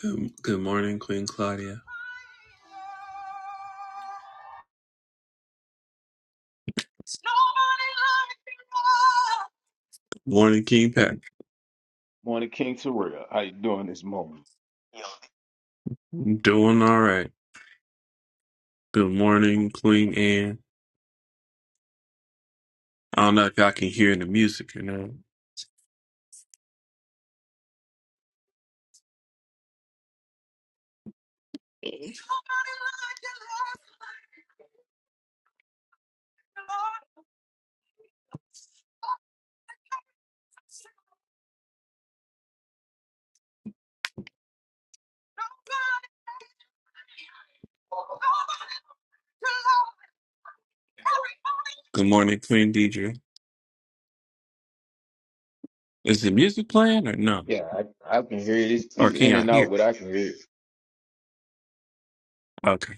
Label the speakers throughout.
Speaker 1: Good, good morning, Queen Claudia. Good morning, King Pat.
Speaker 2: Morning, King Terrell. How you doing this morning?
Speaker 1: I'm doing all right. Good morning, Queen Anne. I don't know if y'all can hear the music or not. Good morning, Queen Deidre. Is the music playing or no?
Speaker 2: Yeah, I, I can hear it. It's,
Speaker 1: Or
Speaker 2: it's
Speaker 1: can
Speaker 2: in
Speaker 1: y'all
Speaker 2: and out,
Speaker 1: hear?
Speaker 2: but I can hear it.
Speaker 1: Okay.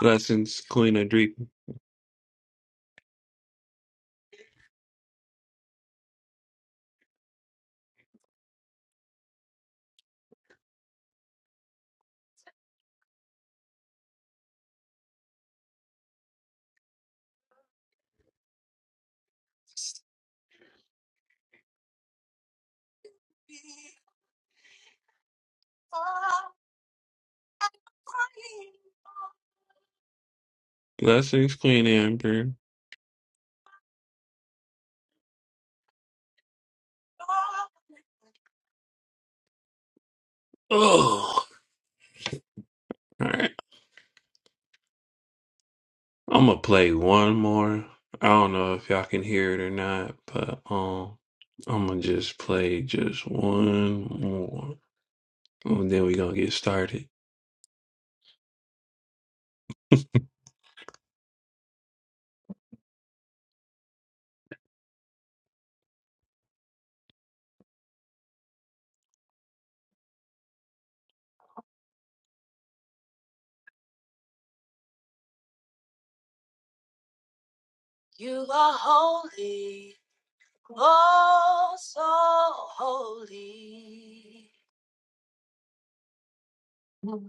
Speaker 1: Blessings, Queen Adrika. Blessings, Queen Amber. Oh, all right. I'm gonna play one more. I don't know if y'all can hear it or not, but um, I'm gonna just play just one more, and then we gonna get started.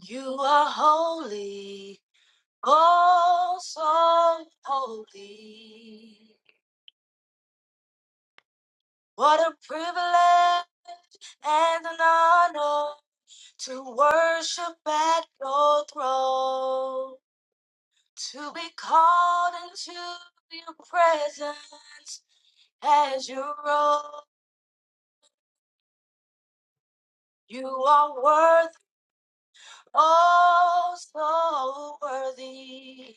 Speaker 1: You are holy, oh so holy. What a privilege and an honor to worship at your throne, to be called into your presence as you roll. You are worth, oh so worthy.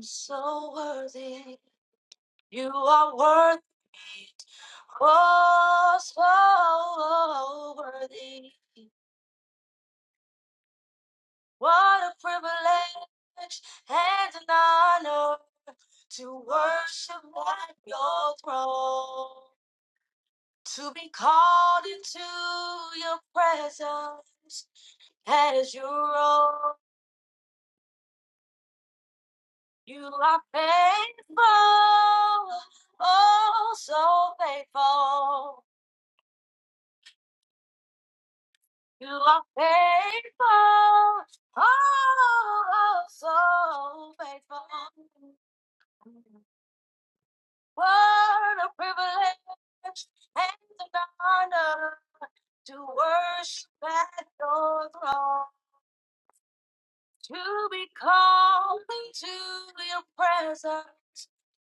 Speaker 1: so worthy. You are worthy. Oh, so worthy. What a privilege and an honor to worship at your throne, to be called into your presence as you roll. You are faithful, oh, so faithful. You are faithful, oh, so faithful. What a privilege and an honor to worship at your throne, to be called into your presence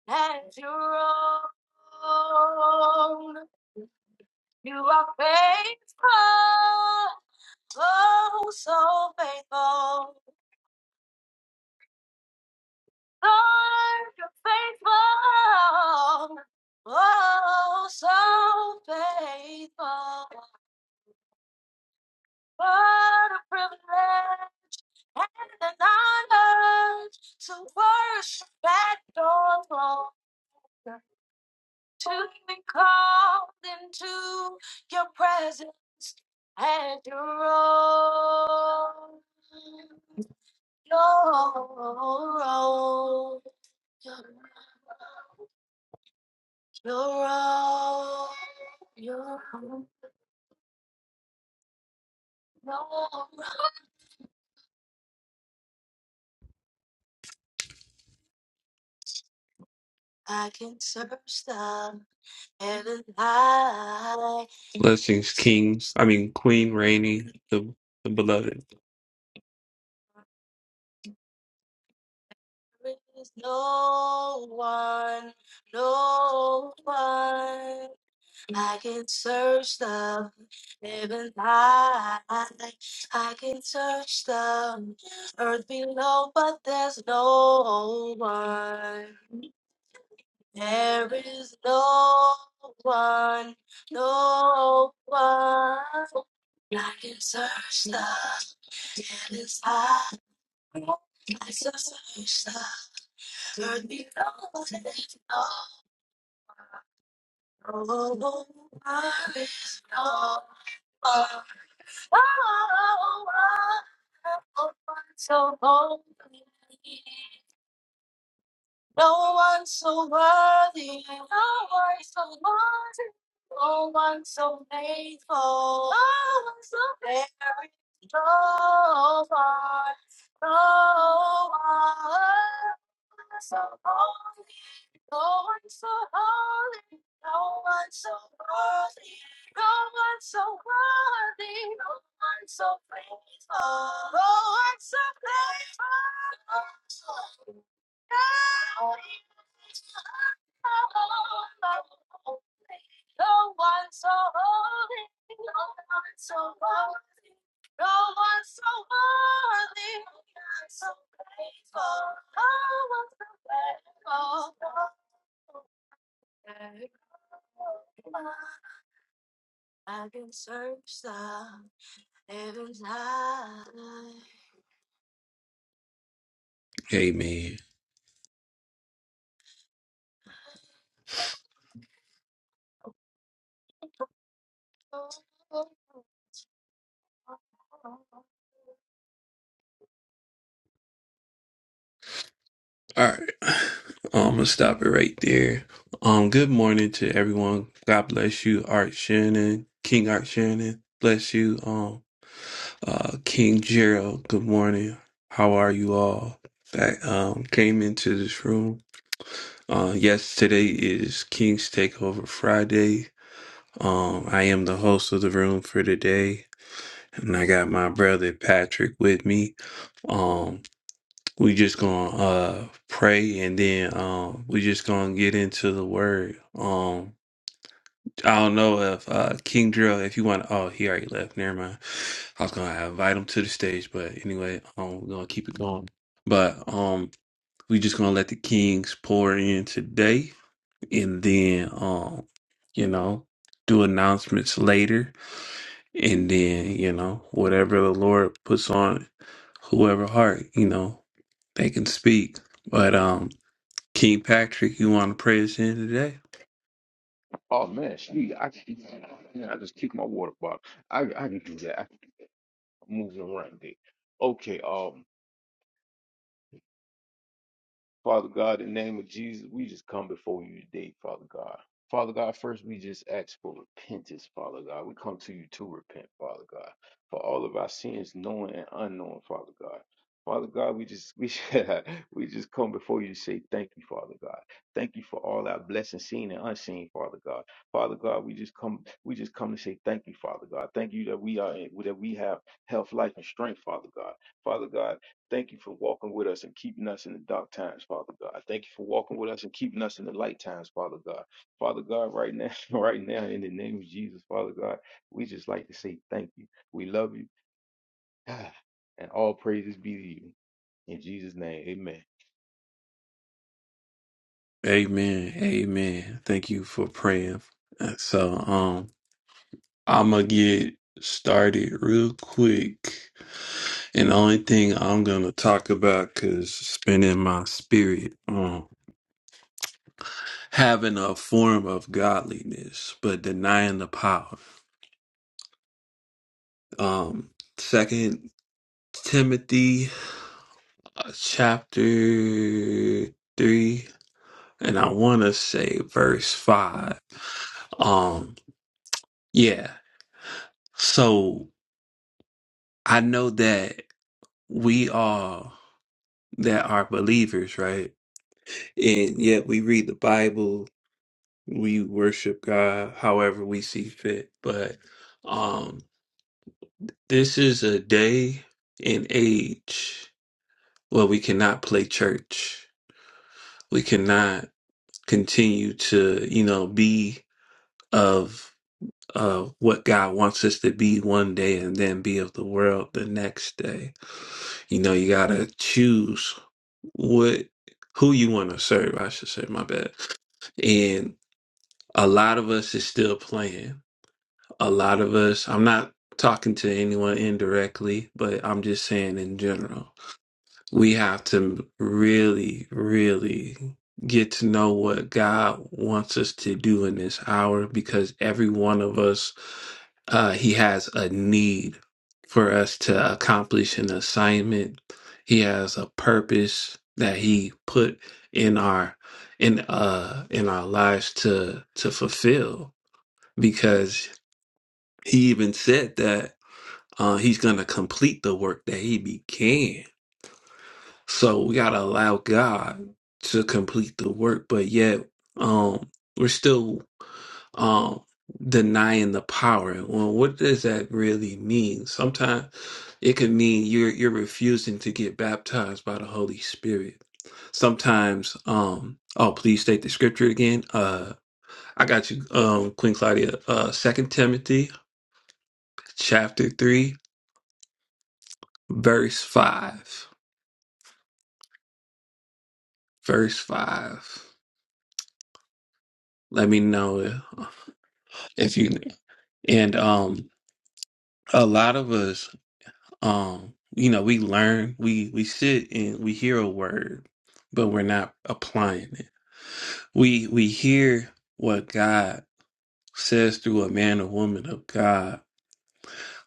Speaker 1: and your own. You are faithful, oh, so faithful. Lord, you're faithful. Oh, so faithful. What a privilege and an honor to worship at your throne, to be called into your presence and your own. Your own. You're all, you're all, you're all. I can search the heaven high. Blessings, kings. I mean, Queen Rainey, the, the beloved. There is no one, no one. I can search the heaven high. I can search the earth below, but there's no one. There is no one, no one. I can search the endless high. I can search the earth below. There's no one. There is no one. Oh, oh, oh, oh, oh, oh, so holy. No one so worthy, no one so worthy, no one so faithful, no one so very, no one, no one so holy, no one so holy, no one so worthy, no one so worthy, no one so faithful, no one so faithful. No one so holy, no one so holy, no one so worthy, no one so faithful, no one so faithful. I can search the heavens high. Amen. All right. Um, I'm gonna stop it right there. Um, good morning to everyone. God bless you, Art Shannon, King Art Shannon. Bless you, um, uh, King Gerald. Good morning. How are you all? That um came into this room. Uh, yes, today is King's Takeover Friday. Um, I am the host of the room for today, and I got my brother Patrick with me. Um we just gonna uh pray and then um we just gonna get into the word um I don't know if uh King Drill if you want oh he already left never mind I was gonna have invite him to the stage but anyway um we're gonna keep it going but um we just gonna let the Kings pour in today and then um you know do announcements later and then you know whatever the Lord puts on whoever heart you know they can speak but um King Patrick, you want to pray us in today?
Speaker 2: Oh man, she, I, yeah, I just kicked my water bottle. I, I can do that. I can move it around there. Okay. um. Father God, in the name of Jesus, we just come before you today, Father God. Father God, first we just ask for repentance, Father God. We come to you to repent, Father God, for all of our sins, known and unknown, Father God. Father God, we just we we just come before you to say thank you, Father God. Thank you for all our blessings, seen and unseen, Father God. Father God, we just come we just come to say thank you, Father God. Thank you that we are that we have health, life, and strength, Father God. Father God. Thank you for walking with us and keeping us in the dark times, Father God. Thank you for walking with us and keeping us in the light times, Father God. Father God, right now, right now, in the name of Jesus, Father God, we just like to say thank you. We love you. Ah, And all praises be to you. In Jesus' name,
Speaker 1: Amen. Amen. Thank you for praying. Uh, So, um, I'm gonna get started real quick. And the only thing I'm gonna talk about, cause it's been in my spirit, um, having a form of godliness but denying the power. Um, Second Timothy uh, chapter three, and I want to say verse five. Um, yeah. So I know that we all that are believers, right? And yet we read the Bible, we worship God however we see fit. But um this is a day and age where we cannot play church. We cannot continue to, you know, be of of what God wants us to be one day and then be of the world the next day You know, you gotta choose what who you want to serve. I should say, my bad. And a lot of us is still playing. A lot of us. I'm not talking to anyone indirectly, but I'm just saying in general we have to really, really get to know what God wants us to do in this hour because every one of us, uh, He has a need for us to accomplish an assignment. He has a purpose that He put in our in uh in our lives to to fulfill because he even said that uh he's gonna complete the work that he began so we gotta allow God to complete the work, but yet um we're still um denying the power. Well, what does that really mean? Sometimes it could mean you're you're refusing to get baptized by the Holy Spirit. Sometimes um oh please state the scripture again. Uh I got you um Queen Claudia uh second Timothy chapter three verse five. Verse five. Let me know if you And um, a lot of us, um, you know, we learn, we we sit and we hear a word, but we're not applying it. We we hear what God says through a man or woman of God,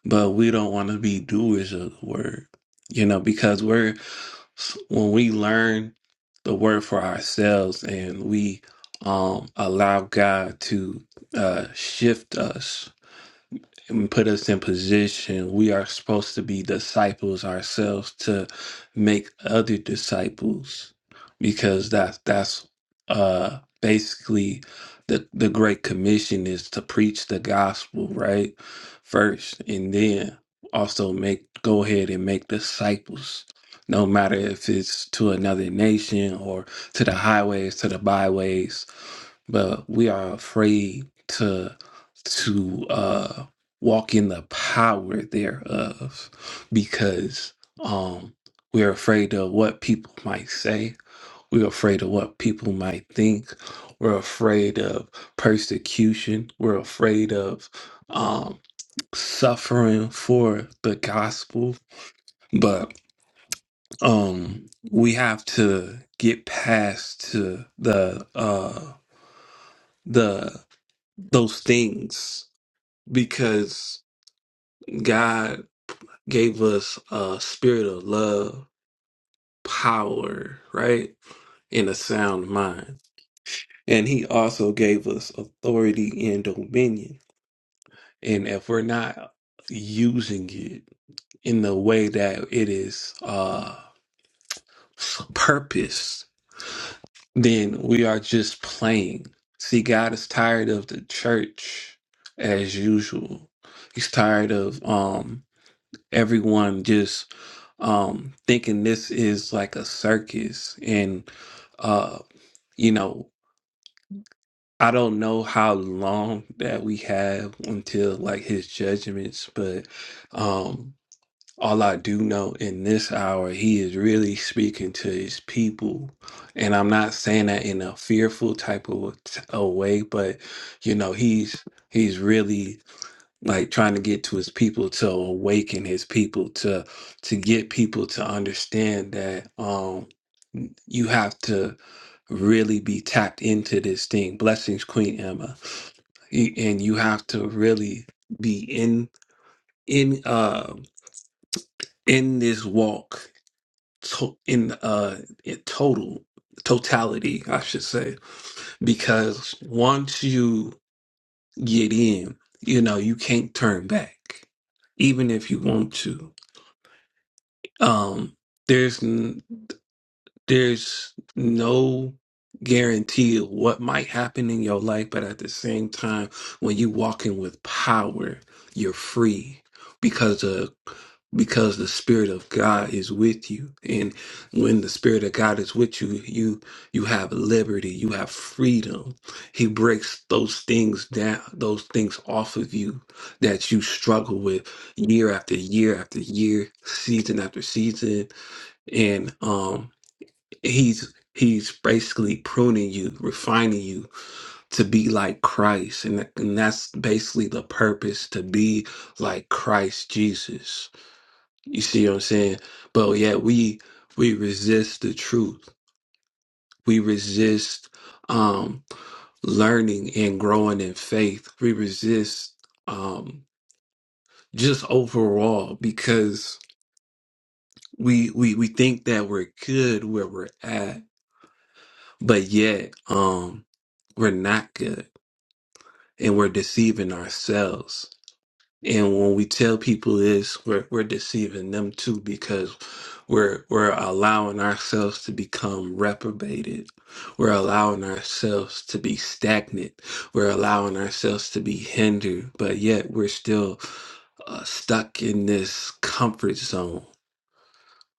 Speaker 1: but we don't want to be doers of the word, you know, because we're when we learn the word for ourselves and we um allow God to uh shift us and put us in position. We are supposed to be disciples ourselves to make other disciples because that's that's uh basically the the great commission is to preach the gospel, right? First and then also make go ahead and make disciples. No matter if it's to another nation or to the highways, to the byways, but we are afraid to to uh walk in the power thereof because um we're afraid of what people might say we're afraid of what people might think we're afraid of persecution we're afraid of um suffering for the gospel but um we have to get past to the uh the those things because God. gave us a spirit of love, power, right? And a sound mind. And he also gave us authority and dominion. And if we're not using it in the way that it is uh purpose, then we are just playing. See, God is tired of the church as usual. He's tired of um everyone just um thinking this is like a circus and uh you know i don't know how long that we have until like his judgments but um all i do know in this hour he is really speaking to his people and i'm not saying that in a fearful type of a way but you know he's he's really like trying to get to his people to awaken his people to to get people to understand that um you have to really be tapped into this thing blessings queen emma Y- and you have to really be in in uh in this walk to, in uh in total totality i should say because once you get in you know you can't turn back even if you want to Um, there's n- there's no guarantee of what might happen in your life, but at the same time, when you walk in with power, you're free because of because the spirit of God is with you. And when the spirit of God is with you, you you have liberty, you have freedom. He breaks those things down, those things off of you that you struggle with year after year after year, season after season. And um he's he's basically pruning you refining you to be like christ and, that- and that's basically the purpose to be like christ jesus you see what i'm saying but yet we we resist the truth we resist um learning and growing in faith we resist um just overall because we we we think that we're good where we're at but yet um we're not good and we're deceiving ourselves. And when we tell people this, we're we're deceiving them too because we're we're allowing ourselves to become reprobated. We're allowing ourselves to be stagnant. We're allowing ourselves to be hindered, but yet we're still uh, stuck in this comfort zone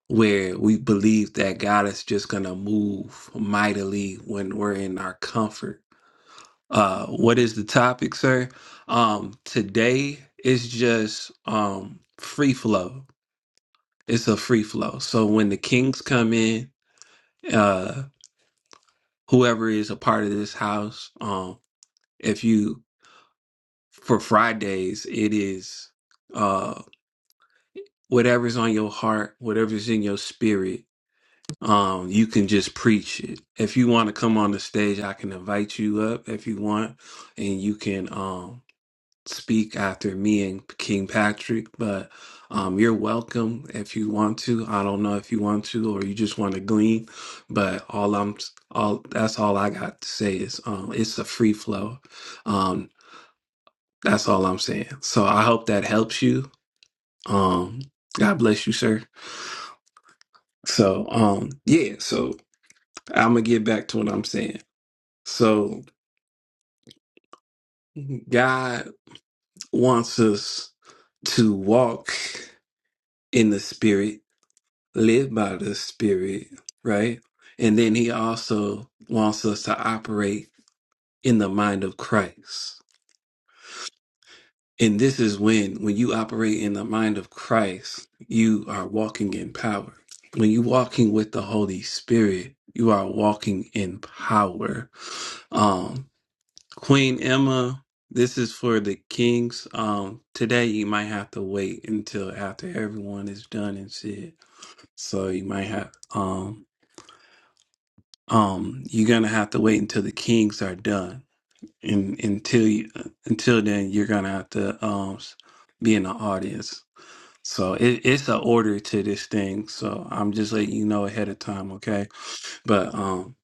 Speaker 1: where we believe that God is just going to move mightily when we're in our comfort uh, what is the topic, sir? Um, today is just um free flow. It's a free flow. So when the kings come in, uh, whoever is a part of this house, um, if you for Fridays, it is uh whatever's on your heart, whatever's in your spirit. Um, you can just preach it. If you want to come on the stage, I can invite you up if you want, and you can. um. speak after me and King Patrick, but um, you're welcome if you want to. I don't know if you want to or you just want to glean, but all I'm all that's all I got to say is um, it's a free flow. Um, that's all I'm saying. So I hope that helps you. Um, God bless you, sir. So um, yeah. So I'm gonna get back to what I'm saying. So God wants us to walk in the spirit Live by the Spirit, right? And then he also wants us to operate in the mind of Christ. And this is when, when you operate in the mind of Christ, you are walking in power. When you're walking with the Holy Spirit, you are walking in power. Um, Queen Emma, this is for the kings. Um, today you might have to wait until after everyone is done and said. So you might have. um um you're gonna have to wait until the kings are done and until you uh, until then you're gonna have to um s- be in the audience so it, it's an order to this thing so i'm just letting you know ahead of time okay but um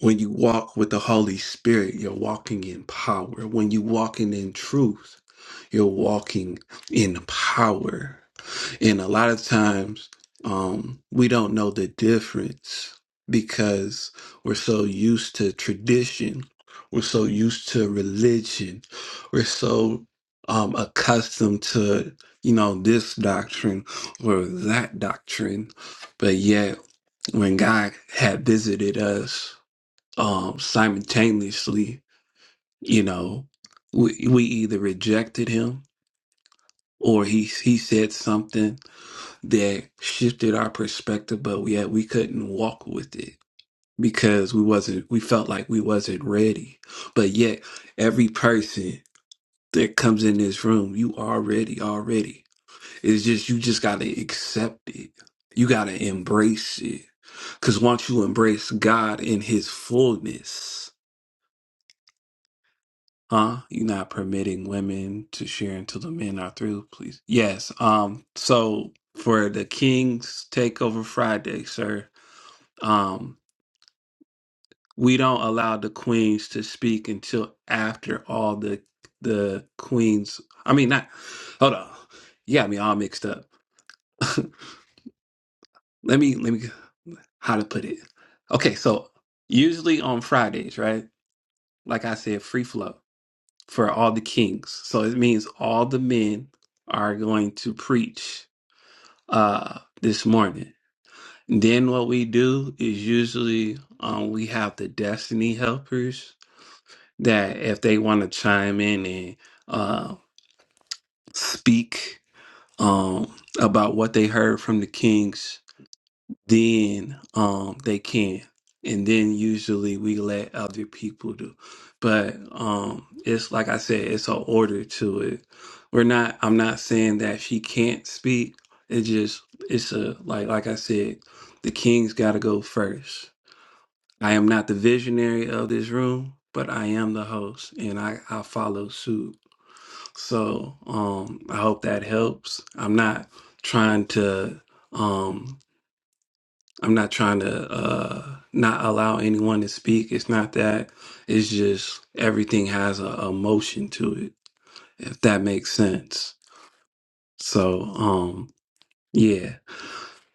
Speaker 1: when you walk with the holy spirit you're walking in power when you walking in truth you're walking in power and a lot of times um, we don't know the difference because we're so used to tradition, we're so used to religion, we're so um, accustomed to, you know, this doctrine or that doctrine. But yet, when God had visited us um, simultaneously, you know, we, we either rejected him or he, he said something that shifted our perspective, but yet we couldn't walk with it because we wasn't we felt like we wasn't ready. But yet every person that comes in this room, you are ready. already. It's just you just gotta accept it. You gotta embrace it. Cause once you embrace God in his fullness, huh? You're not permitting women to share until the men are through, please. Yes. Um, so for the King's Takeover Friday, sir. um, we don't allow the queens to speak until after all the the queens. I mean, not. Hold on, you got me all mixed up. let me let me how to put it. Okay, so usually on Fridays, right? Like I said, free flow for all the kings. So it means all the men are going to preach uh this morning. Then what we do is usually um, we have the destiny helpers that if they want to chime in and uh, speak um, about what they heard from the kings, then um, they can. And then usually we let other people do. But um, it's like I said, it's an order to it. We're not. I'm not saying that she can't speak. It just it's a like like I said, the kings got to go first I am not the visionary of this room, but I am the host and I, I follow suit. So um, I hope that helps. I'm not trying to um, I'm not trying to uh, not allow anyone to speak. It's not that. It's just everything has a, a motion to it, if that makes sense. So um, yeah.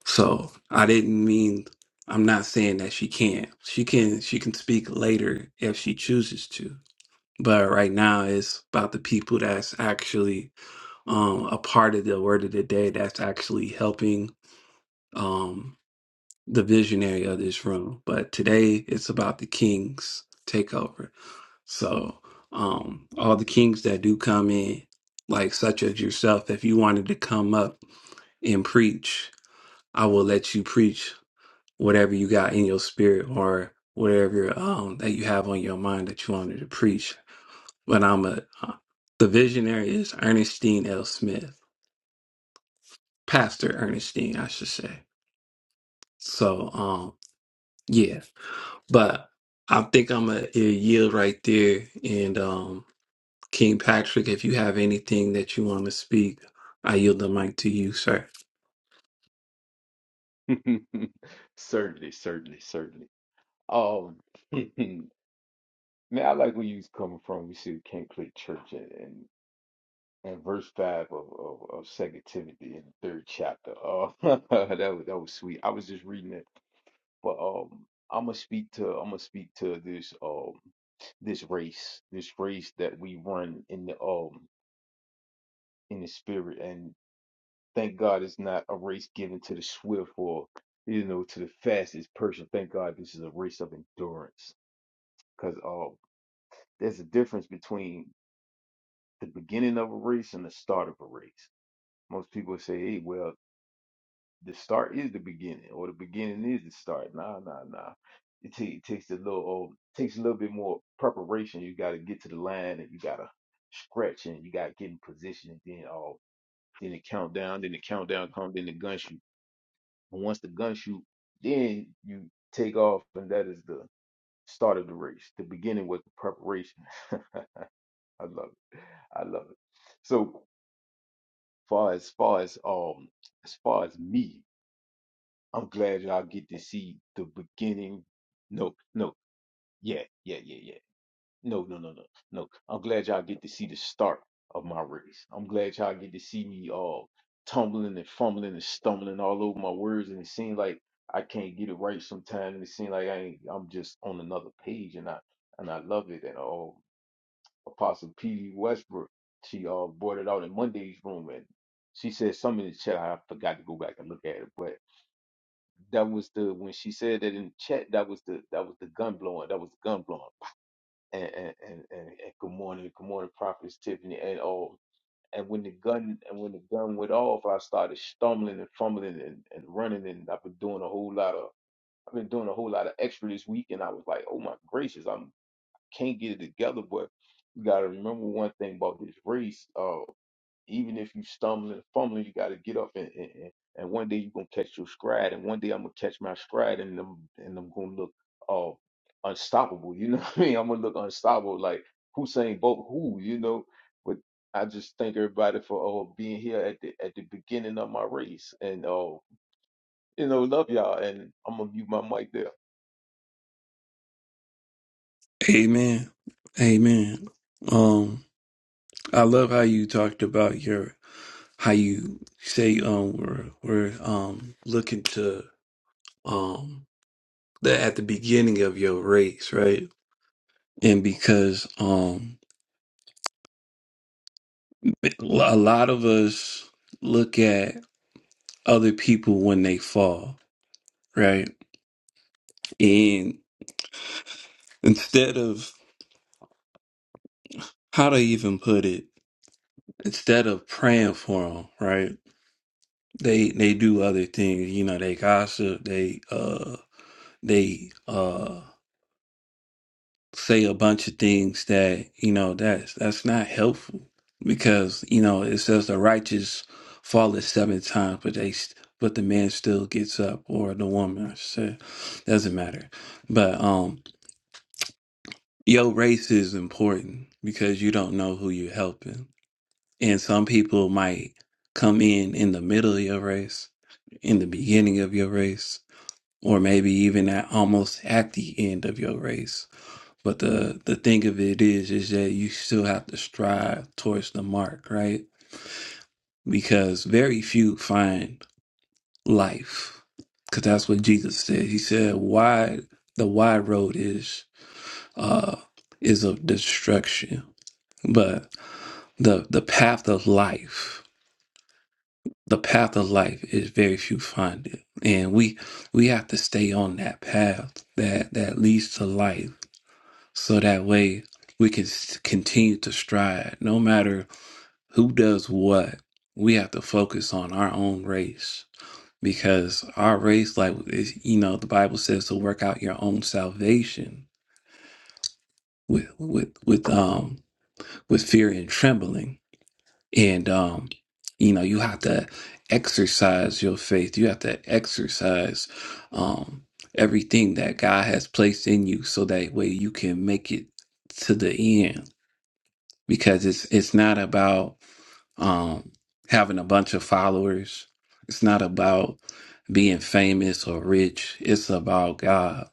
Speaker 1: So I didn't mean I'm not saying that she can't. She can she can speak later if she chooses to but right now it's about the people that's actually um a part of the word of the day that's actually helping um the visionary of this room but today it's about the kings takeover so um all the kings that do come in like such as yourself if you wanted to come up and preach i will let you preach whatever you got in your spirit or whatever um that you have on your mind that you wanted to preach but I'm a uh, the visionary is Ernestine L. Smith, Pastor Ernestine, I should say. So, um, yeah, but I think I'm a, a yield right there. And um, King Patrick, if you have anything that you want to speak, I yield the mic to you, sir.
Speaker 2: amen. certainly, certainly, certainly. Um, man, I like where you was coming from. You said you can't play church, and, and and verse five of, of, of Second Timothy in the third chapter. Uh, that was that was sweet. I was just reading it, but um, I'm gonna speak to I'm gonna speak to this um this race this race that we run in the um in the spirit, and thank God it's not a race given to the swift or you know to the fastest person. Thank God this is a race of endurance, because uh, there's a difference between the beginning of a race and the start of a race. Most people say, "Hey, well." the start is the beginning, or the beginning is the start. Nah, nah, nah. It, ta- it takes a little, uh, takes a little bit more preparation. You got to get to the line, and you got to stretch, and you got to get in position, and then all, then the countdown, then the countdown comes, then the gun shoot. And once the gun shoot, then you take off, and that is the start of the race. The beginning was the preparation. I love it. I love it. So far as far as um as far as me, I'm glad y'all get to see the beginning. No, no, yeah, yeah, yeah, yeah. No, no, no, no, no. I'm glad y'all get to see the start of my race. I'm glad y'all get to see me all tumbling and fumbling and stumbling all over my words, and it seems like I can't get it right sometimes, and it seems like I ain't, I'm just on another page, and I and I love it. And oh, Apostle P. D Westbrook, she uh brought it out in Monday's room, and she said something in the chat. I forgot to go back and look at it, but. That was the when she said that in the chat. That was the that was the gun blowing. That was the gun blowing. And and and, and, and good morning, good morning, prophetess Tiffany and all. And when the gun and when the gun went off, I started stumbling and fumbling and, and running. And I've been doing a whole lot of I've been doing a whole lot of extra this week. And I was like, oh my gracious, I'm can't get it together. But you gotta remember one thing about this race. Uh, even if you stumbling and fumbling, you got to get up and, and and and one day you're gonna catch your stride, and one day I'm gonna catch my stride, and I'm and I'm gonna look uh unstoppable. You know what I mean? I'm gonna look unstoppable, like Hussein Bolt, who you know. But I just thank everybody for uh, being here at the at the beginning of my race, and uh, you know, love y'all, and I'm gonna mute my mic there.
Speaker 1: Amen. Amen. Um. I love how you talked about your how you say um we're we're um looking to um the at the beginning of your race, right? And because um a lot of us look at other people when they fall, right? And instead of how to even put it? Instead of praying for them, right? They they do other things, you know. They gossip. They uh they uh say a bunch of things that you know that's that's not helpful because you know it says the righteous falleth seven times but they st- but the man still gets up or the woman I should say doesn't matter but um your race is important because you don't know who you're helping and some people might come in in the middle of your race in the beginning of your race or maybe even at almost at the end of your race but the the thing of it is, is that you still have to strive towards the mark, right? Because very few find life, because that's what Jesus said. He said, "Wide the wide road is uh is of destruction, but the the path of life, the path of life is very few find it, and we we have to stay on that path that that leads to life, so that way." We can s- continue to strive, no matter who does what, we have to focus on our own race because our race, like is, you know, the Bible says to work out your own salvation with with with um with fear and trembling, and um, you know, you have to exercise your faith. You have to exercise um everything that God has placed in you, so that way you can make it to the end because it's it's not about um, having a bunch of followers. It's not about being famous or rich. It's about God,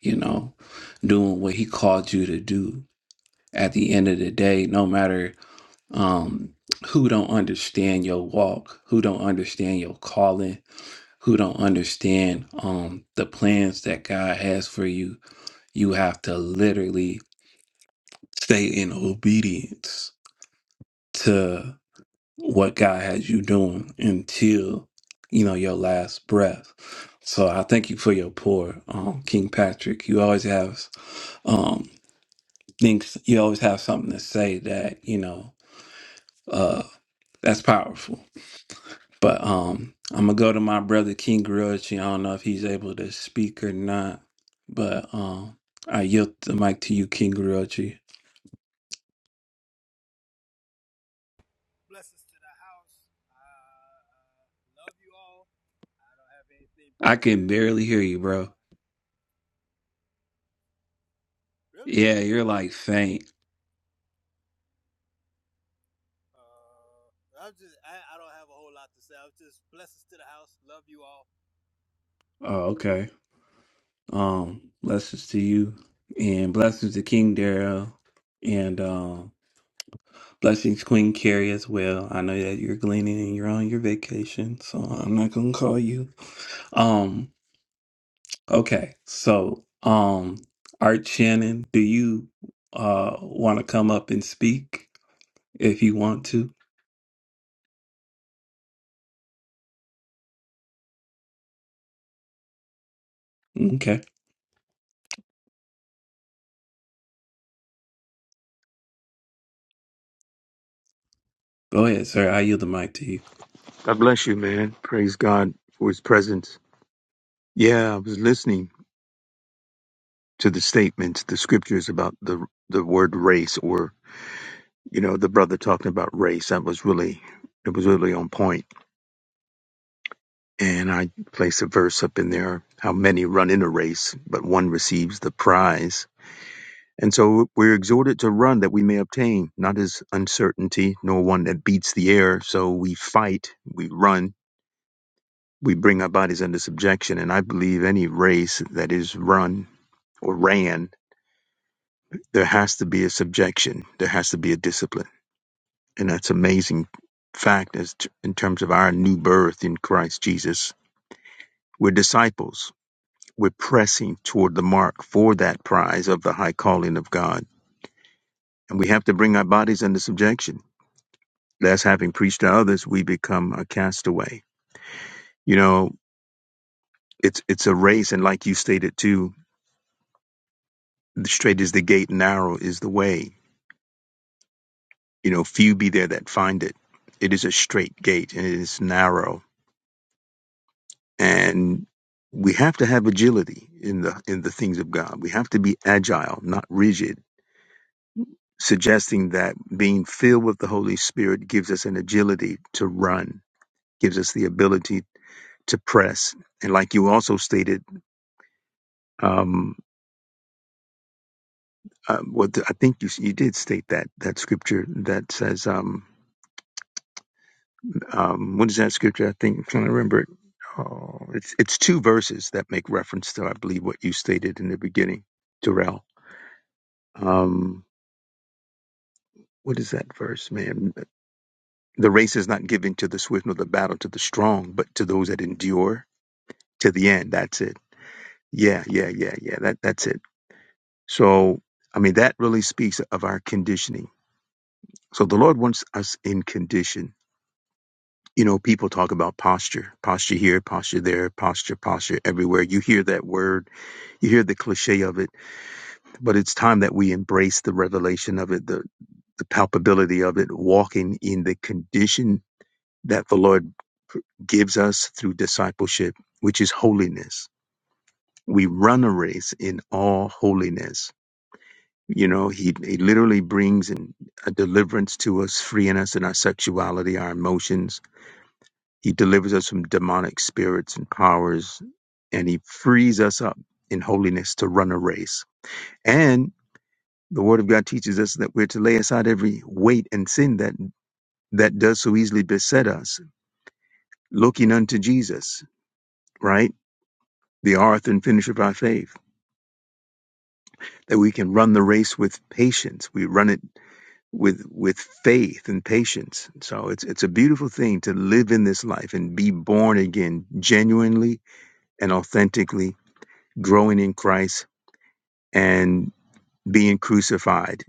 Speaker 1: you know, doing what He called you to do. At the end of the day, no matter um, who don't understand your walk, who don't understand your calling, who don't understand um, the plans that God has for you, you have to literally stay in obedience what God has you doing until you know your last breath. So I thank you for your pour, um, King Patrick. You always have um things. You always have something to say that you know uh that's powerful. But um, I'm gonna go to my brother King Grudge. I don't know if he's able to speak or not, but um, I yield the mic to you, King Grudge.
Speaker 3: Blessings to the house. I uh, love you all. Don't have anything
Speaker 1: I can
Speaker 3: prepared.
Speaker 1: barely hear you, bro.
Speaker 3: Uh, really?
Speaker 1: Yeah, you're like faint.
Speaker 3: Uh, I'm just. I, I don't have a whole lot to say. I'm just blessings to the house. Love you all.
Speaker 1: Oh, okay. Um, blessings to you and blessings to King Daryl and um, blessings Queen Carrie as well. I know that you're gleaning and you're on your vacation, so I'm not gonna call you. Um, okay, so um, Art Shannon, do you uh want to come up and speak if you want to? Okay, go ahead, sir. I yield the mic to you.
Speaker 4: God bless you, man. Praise God for his presence. Yeah, I was listening to the statements, the scriptures about the the word race or you know, the brother talking about race. That was really it was really on point. And I placed a verse up in there, how many run in a race, but one receives the prize. And so we're exhorted to run that we may obtain, not as uncertainty, nor one that beats the air. So we fight, we run, we bring our bodies under subjection. And I believe any race that is run or ran, there has to be a subjection. There has to be a discipline. And that's amazing fact as t- in terms of our new birth in Christ Jesus. We're disciples. We're pressing toward the mark for that prize of the high calling of God. And we have to bring our bodies under subjection. Lest having preached to others, we become a castaway. You know, it's it's a race, and like you stated too, straight is the gate, narrow is the way. You know, few be there that find it. It is a straight gate and it is narrow and we have to have agility in the in the things of God. We have to be agile, not rigid, suggesting that being filled with the Holy Spirit gives us an agility to run, gives us the ability to press. And like you also stated, um, uh, what the, I think you you did state that that scripture that says, um, um, what is that scripture? I think I'm trying to remember it. Oh, it's it's two verses that make reference to I believe what you stated in the beginning, Darrell. Um, What is that verse, man? The race is not given to the swift nor the battle to the strong, but to those that endure to the end. That's it. Yeah, yeah, yeah, yeah. That that's it. So I mean that really speaks of our conditioning. So the Lord wants us in condition. You know, people talk about posture, posture here, posture there, posture, posture everywhere. You hear that word, you hear the cliche of it, but it's time that we embrace the revelation of it, the the palpability of it, walking in the condition that the Lord gives us through discipleship, which is holiness. We run a race in all holiness. You know, he, he literally brings in a deliverance to us, freeing us in our sexuality, our emotions. He delivers us from demonic spirits and powers, and he frees us up in holiness to run a race. And the word of God teaches us that we're to lay aside every weight and sin that that does so easily beset us, looking unto Jesus, right? the author and finisher of our faith, that we can run the race with patience. We run it with with faith and patience. So it's it's a beautiful thing to live in this life and be born again genuinely and authentically, growing in Christ and being crucified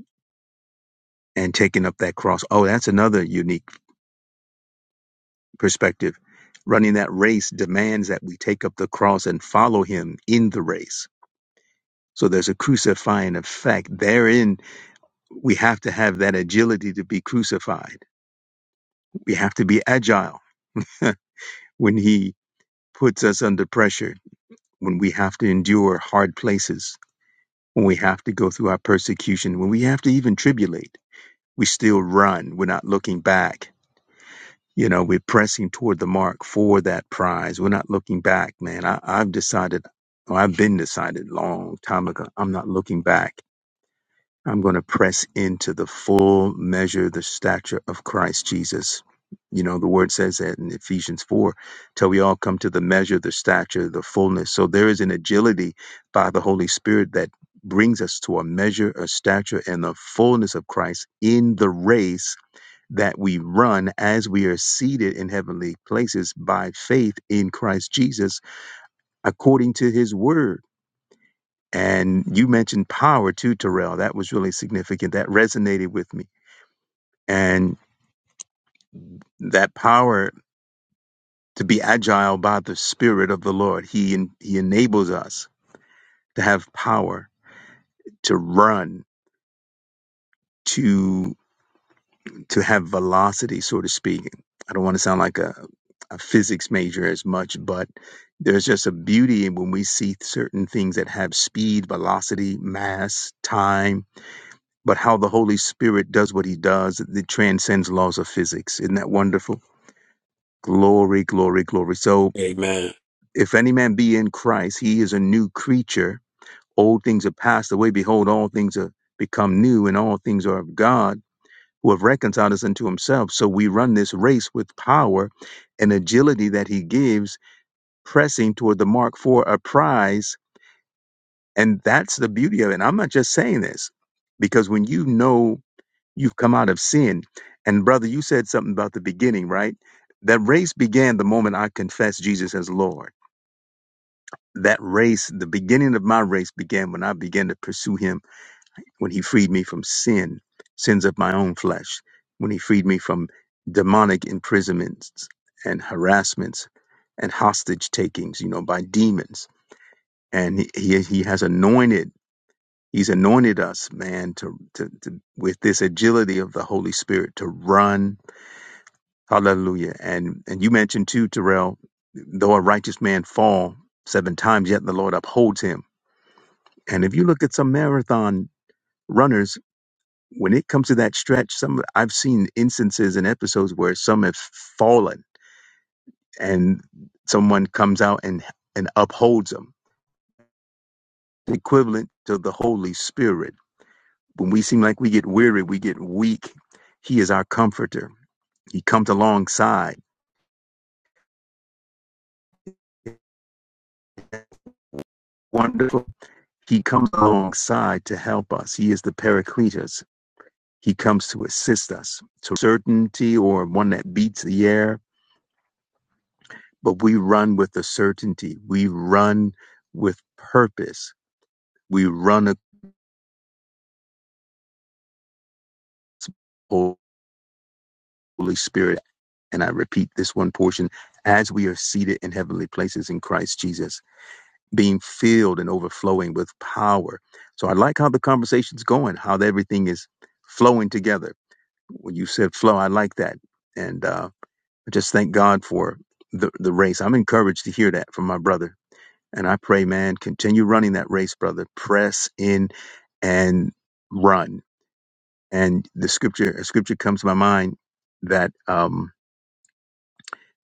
Speaker 4: and taking up that cross. Oh, that's another unique perspective. Running that race demands that we take up the cross and follow him in the race. So there's a crucifying effect therein we have to have that agility to be crucified. We have to be agile when He puts us under pressure, when we have to endure hard places, when we have to go through our persecution, when we have to even tribulate. We still run. We're not looking back. You know, we're pressing toward the mark for that prize. We're not looking back, man. I, I've decided, or I've been decided long time ago, I'm not looking back. I'm going to press into the full measure, the stature of Christ Jesus. You know, the word says that in Ephesians 4 till we all come to the measure, the stature, the fullness. So there is an agility by the Holy Spirit that brings us to a measure, a stature, and the fullness of Christ in the race that we run as we are seated in heavenly places by faith in Christ Jesus according to his word. And you mentioned power too, Terrell. That was really significant. That resonated with me. And that power to be agile by the Spirit of the Lord, He He enables us to have power to run, to to have velocity, so to speak. I don't want to sound like a, a physics major as much, but there's just a beauty in when we see certain things that have speed, velocity, mass, time but how the Holy Spirit does what he does, it transcends laws of physics. Isn't that wonderful? Glory, glory, glory. So,
Speaker 1: Amen.
Speaker 4: if any man be in Christ, he is a new creature. Old things are passed away. Behold, all things are become new, and all things are of God, who have reconciled us unto himself. So, we run this race with power and agility that he gives, pressing toward the mark for a prize. And that's the beauty of it. And I'm not just saying this because when you know You've come out of sin. And brother, you said something about the beginning, right? That race began the moment I confessed Jesus as Lord. That race, the beginning of my race began when I began to pursue him, when he freed me from sin, sins of my own flesh, when he freed me from demonic imprisonments and harassments and hostage takings, you know, by demons. And he, he, he has anointed He's anointed us, man, to, to, to with this agility of the Holy Spirit to run Hallelujah. And and you mentioned too, Terrell, though a righteous man fall seven times, yet the Lord upholds him. And if you look at some marathon runners, when it comes to that stretch, some I've seen instances and episodes where some have fallen and someone comes out and and upholds them, equivalent to the Holy Spirit. When we seem like we get weary, we get weak, He is our comforter. He comes alongside Wonderful. He comes alongside to help us. He is the Paracletus. He comes to assist us to certainty or one that beats the air, but we run with the certainty. We run with purpose. We run a Holy Spirit. And I repeat this one portion as we are seated in heavenly places in Christ Jesus, being filled and overflowing with power. So I like how the conversation's going, how everything is flowing together. When you said flow, I like that. And uh, I just thank God for the, the race. I'm encouraged to hear that from my brother. And I pray, man, continue running that race, brother. Press in and run. And the scripture, a scripture comes to my mind that um,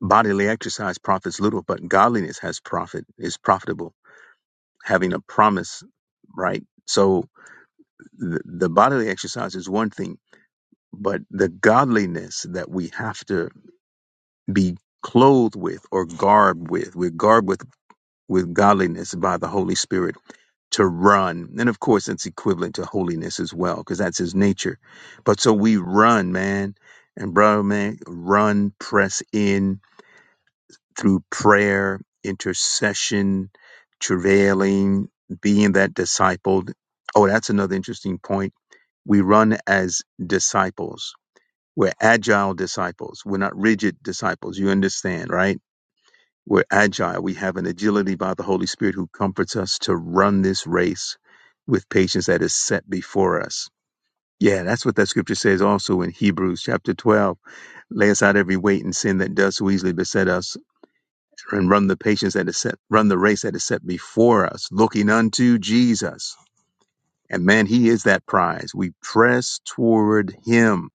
Speaker 4: bodily exercise profits little, but godliness has profit, is profitable, having a promise, right? So the, the bodily exercise is one thing, but the godliness that we have to be clothed with or garbed with, we're garbed with with godliness by the Holy Spirit to run. And of course, it's equivalent to holiness as well, because that's his nature. But so we run, man. And brother, man, run, press in through prayer, intercession, travailing, being that discipled. Oh, that's another interesting point. We run as disciples. We're agile disciples. We're not rigid disciples. You understand, right? We're agile. We have an agility by the Holy Spirit who comforts us to run this race with patience that is set before us. Yeah, that's what that scripture says also in Hebrews chapter 12. Lay aside every weight and sin that does so easily beset us and run the patience that is set, run the race that is set before us, looking unto Jesus. And man, he is that prize. We press toward him.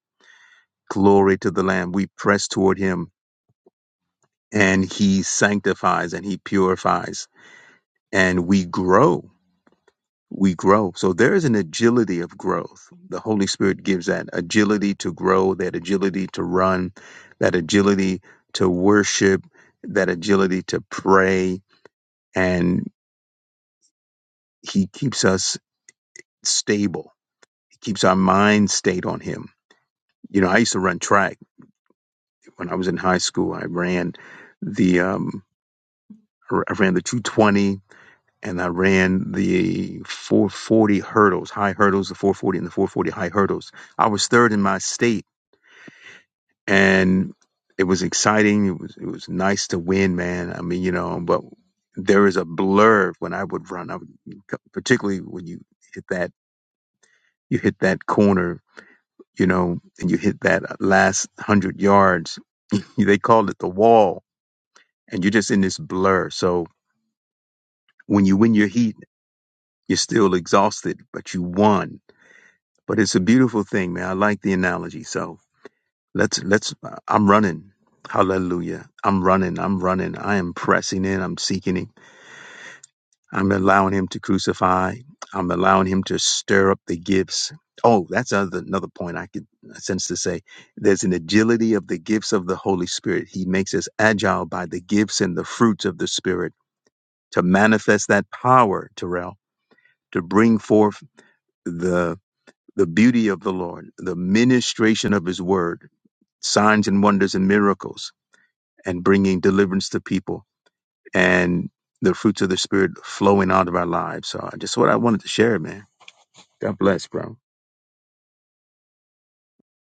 Speaker 4: Glory to the Lamb. We press toward him and he sanctifies and he purifies and we grow we grow. So there is an agility of growth. The Holy Spirit gives that agility to grow, that agility to run, that agility to worship, that agility to pray. And He keeps us stable. He keeps our mind stayed on Him. You know, I used to run track when I was in high school. I ran the, um, I ran the 220 and I ran the 440 hurdles, high hurdles, the 440 and the 440 high hurdles. I was third in my state and it was exciting. It was it was nice to win, man. I mean, you know, but there is a blur when I would run. I would, particularly when you hit that you hit that corner, you know, and you hit that last hundred yards. they called it the wall, and you're just in this blur. So when you win your heat, you're still exhausted, but you won. But it's a beautiful thing, man. I like the analogy. So. Let's let's I'm running. Hallelujah. I'm running. I'm running. I am pressing in. I'm seeking him. I'm allowing him to crucify. I'm allowing him to stir up the gifts. Oh, that's another another point I could sense to say. There's an agility of the gifts of the Holy Spirit. He makes us agile by the gifts and the fruits of the Spirit to manifest that power, Terrell, to bring forth the the beauty of the Lord, the ministration of his word, signs and wonders and miracles and bringing deliverance to people and the fruits of the spirit flowing out of our lives. So I just what I wanted to share, man. God bless, bro.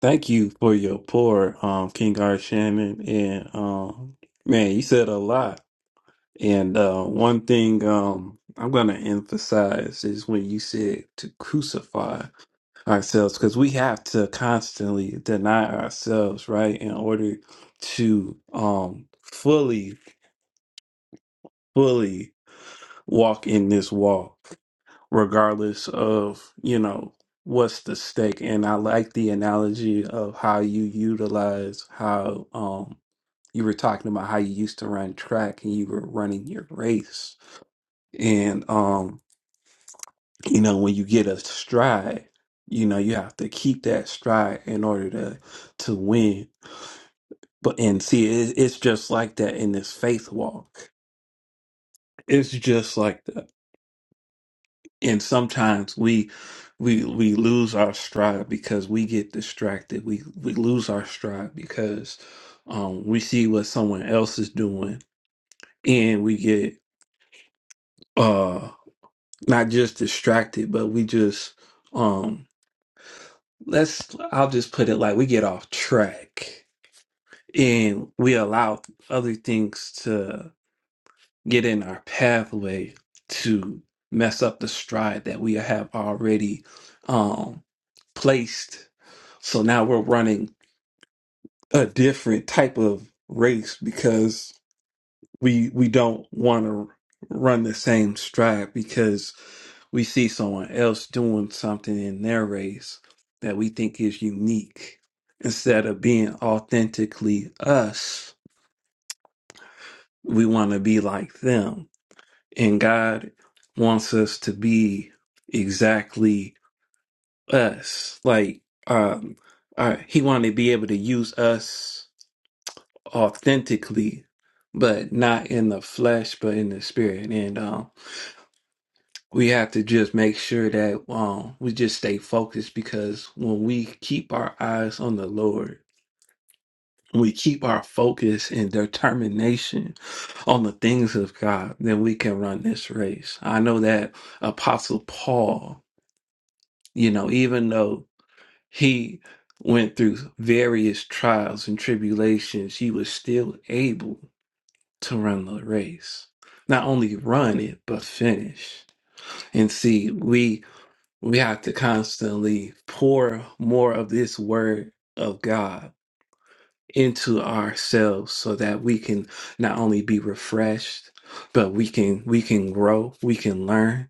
Speaker 1: Thank you for your pour, um, King Art Shannon, and um, man, you said a lot. And uh, one thing um, I'm going to emphasize is when you said to crucify ourselves, because we have to constantly deny ourselves, right, in order to um, fully, fully walk in this walk, regardless of, you know, what's the stake. And I like the analogy of how you utilize how um, you were talking about how you used to run track and you were running your race. And um, you know when you get a stride you know you have to keep that stride in order to to win but and see it, it's just like that in this faith walk it's just like that and sometimes we we we lose our stride because we get distracted we we lose our stride because um we see what someone else is doing and we get uh not just distracted but we just um, let's I'll just put it like we get off track and we allow other things to get in our pathway to mess up the stride that we have already um placed. So now we're running a different type of race because we we don't want to run the same stride because we see someone else doing something in their race that we think is unique instead of being authentically us we want to be like them and god wants us to be exactly us like um uh, he wanted to be able to use us authentically but not in the flesh but in the spirit and um we have to just make sure that um we just stay focused because when we keep our eyes on the Lord, we keep our focus and determination on the things of God, then we can run this race. I know that Apostle Paul, you know, even though he went through various trials and tribulations, he was still able to run the race. Not only run it, but finish. And see, we we have to constantly pour more of this word of God into ourselves so that we can not only be refreshed but we can we can grow we can learn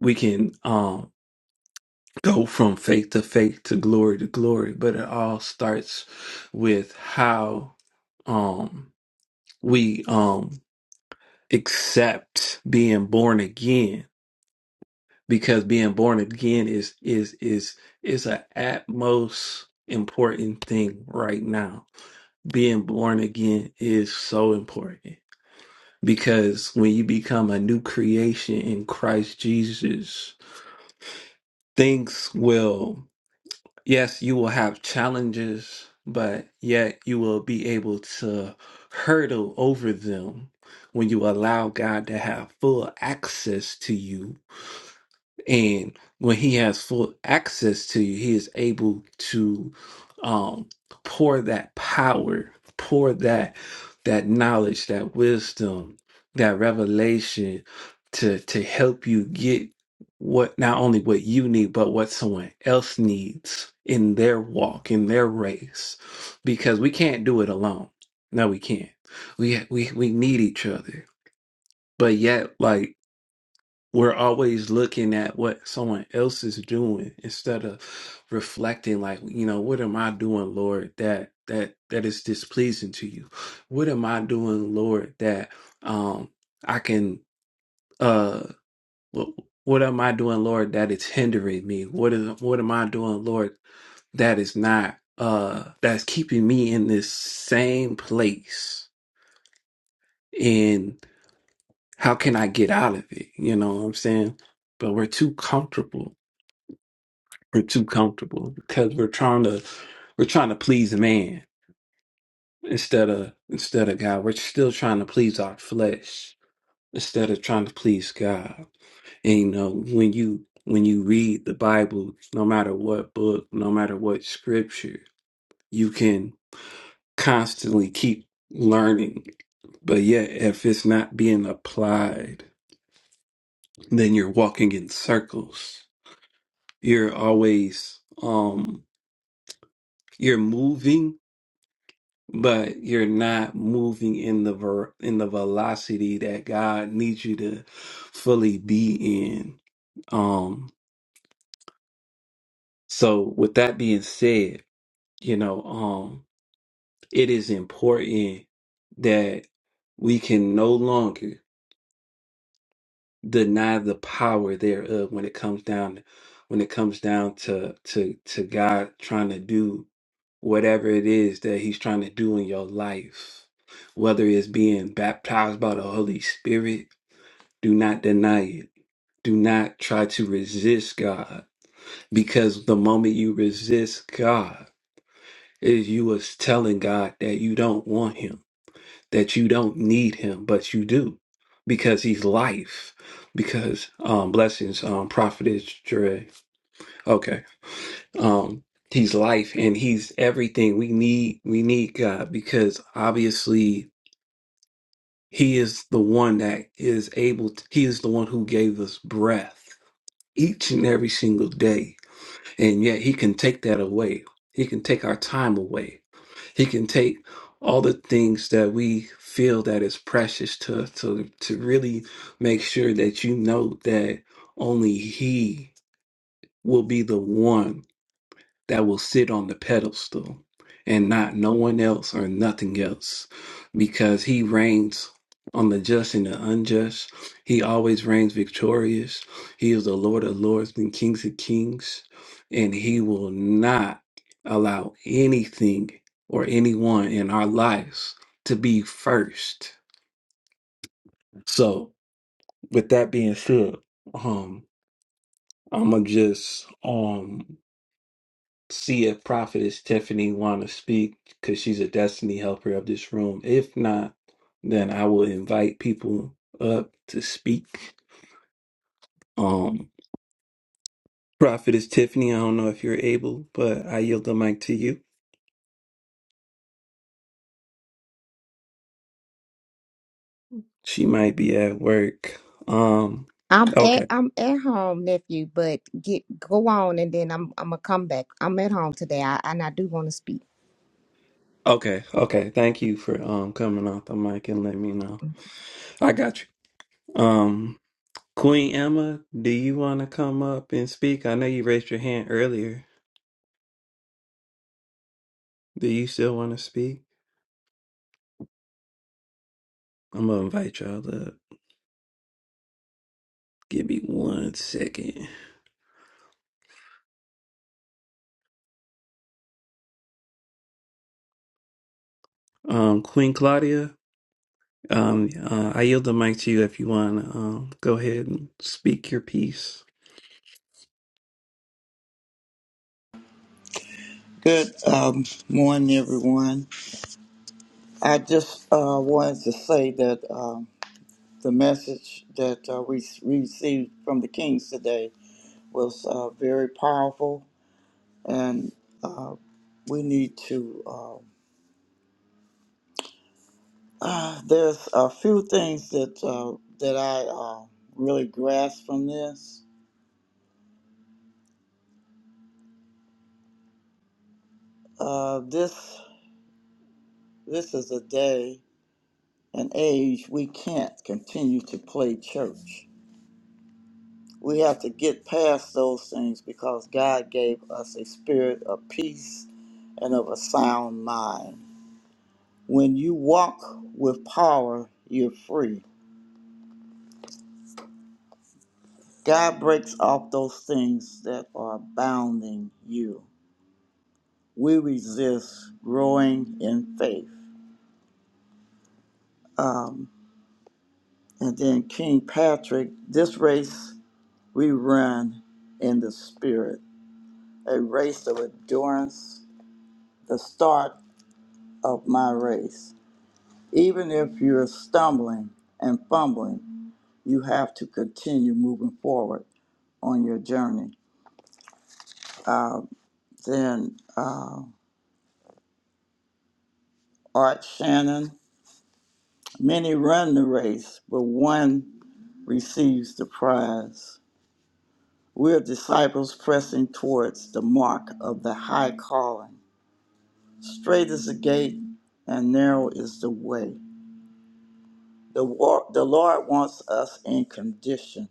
Speaker 1: we can um go from faith to faith to glory to glory but it all starts with how um we um accept being born again because being born again is is is is a utmost important thing right now. Being born again is so important because when you become a new creation in Christ Jesus, things will yes, you will have challenges, but yet you will be able to hurdle over them when you allow God to have full access to you And when he has full access to you, he is able to um, pour that power, pour that that knowledge, that wisdom, that revelation to to help you get what not only what you need, but what someone else needs in their walk, in their race. Because we can't do it alone. No, we can't. We we we need each other. But yet, like we're always looking at what someone else is doing instead of reflecting like you know what am i doing lord that that that is displeasing to you what am i doing lord that um i can uh what, what am i doing lord That it's hindering me what is what am i doing lord that is not uh that's keeping me in this same place and how can i get out of it you know what i'm saying but we're too comfortable We're too comfortable because we're trying to we're trying to please man instead of instead of God. We're still trying to please our flesh instead of trying to please God. And you know, when you when you read the Bible, no matter what book, no matter what scripture, you can constantly keep learning. But yet if it's not being applied, then you're walking in circles. You're always um you're moving but you're not moving in the ver- in the velocity that God needs you to fully be in. Um so with that being said, you know, um it is important that we can no longer deny the power thereof when it comes down when it comes down to to to God trying to do whatever it is that he's trying to do in your life whether it's being baptized by the holy spirit do not deny it do not try to resist God because the moment you resist God is you is telling God that you don't want him that you don't need him, but you do because he's life. Because um, blessings, um, prophetess Dre. Okay, um, he's life and he's everything we need. We need God because obviously he is the one that is able. To, he is the one who gave us breath each and every single day, and yet he can take that away. He can take our time away He can take all the things that we feel that is precious to to to really make sure that you know that only he will be the one that will sit on the pedestal and not no one else or nothing else because he reigns on the just and the unjust. He always reigns victorious. He is the Lord of lords and kings of kings, and he will not allow anything or anyone in our lives to be first. So, with that being said, um, I'm gonna just um see if Prophetess Tiffany want to speak because she's a destiny helper of this room. If not, then I will invite people up to speak. Um, Prophetess Tiffany, I don't know if you're able, but I yield the mic to you. She might be at work. Um,
Speaker 5: I'm at
Speaker 1: okay,
Speaker 5: I'm at home, nephew, but get go on and then I'm I'm gonna come back. I'm at home today. I and I do wanna speak.
Speaker 1: okay, okay. Thank you for um coming off the mic and letting me know. I got you. Um, Queen Emma, do you want to come up and speak? I know you raised your hand earlier. Do you still want to speak? I'm gonna invite y'all to give me one second. Um, Queen Claudia, um, uh, I yield the mic to you if you want to um, go ahead and speak your piece.
Speaker 6: Good um, morning, everyone. I just uh, wanted to say that um, the message that uh, we s- received from the Kings today was uh, very powerful, and uh, we need to. Uh, uh, there's a few things that uh, that I uh, really grasp from this. Uh, this this is a day, an age we can't continue to play church. We have to get past those things because God gave us a spirit of peace and of a sound mind. When you walk with power, you're free. God breaks off those things that are bounding you. We resist growing in faith. Um, and then King Patrick, this race we run in the spirit, a race of endurance, the start of my race. Even if you're stumbling and fumbling, you have to continue moving forward on your journey. Uh, then uh, Art Shannon, many run the race, but one receives the prize. We're disciples pressing towards the mark of the high calling. Straight is the gate, and narrow is the way. The, war- the Lord wants us in condition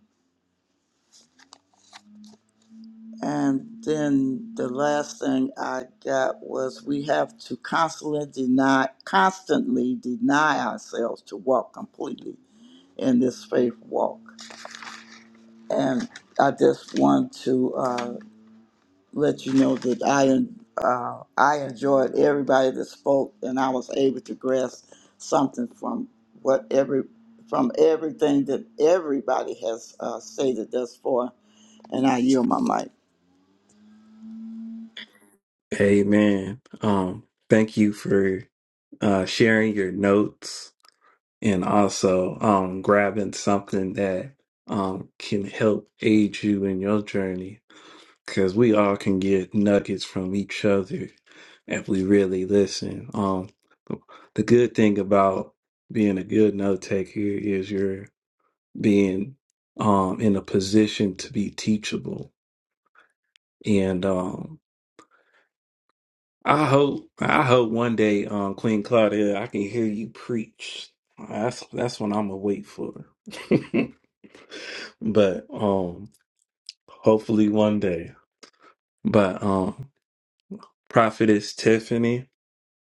Speaker 6: And then the last thing I got was we have to constantly deny, constantly deny ourselves to walk completely in this faith walk. And I just want to uh, let you know that I uh, I enjoyed everybody that spoke, and I was able to grasp something from what every from everything that everybody has uh, stated thus far. And I yield my mic.
Speaker 1: Amen. Um, thank you for uh, sharing your notes and also um, grabbing something that um, can help aid you in your journey because we all can get nuggets from each other if we really listen. Um, the good thing about being a good note taker is you're being um, in a position to be teachable. And um, I hope I hope one day, um, Queen Claudia, I can hear you preach. That's that's what I'm gonna wait for. but um, hopefully one day. But um, Prophetess Tiffany,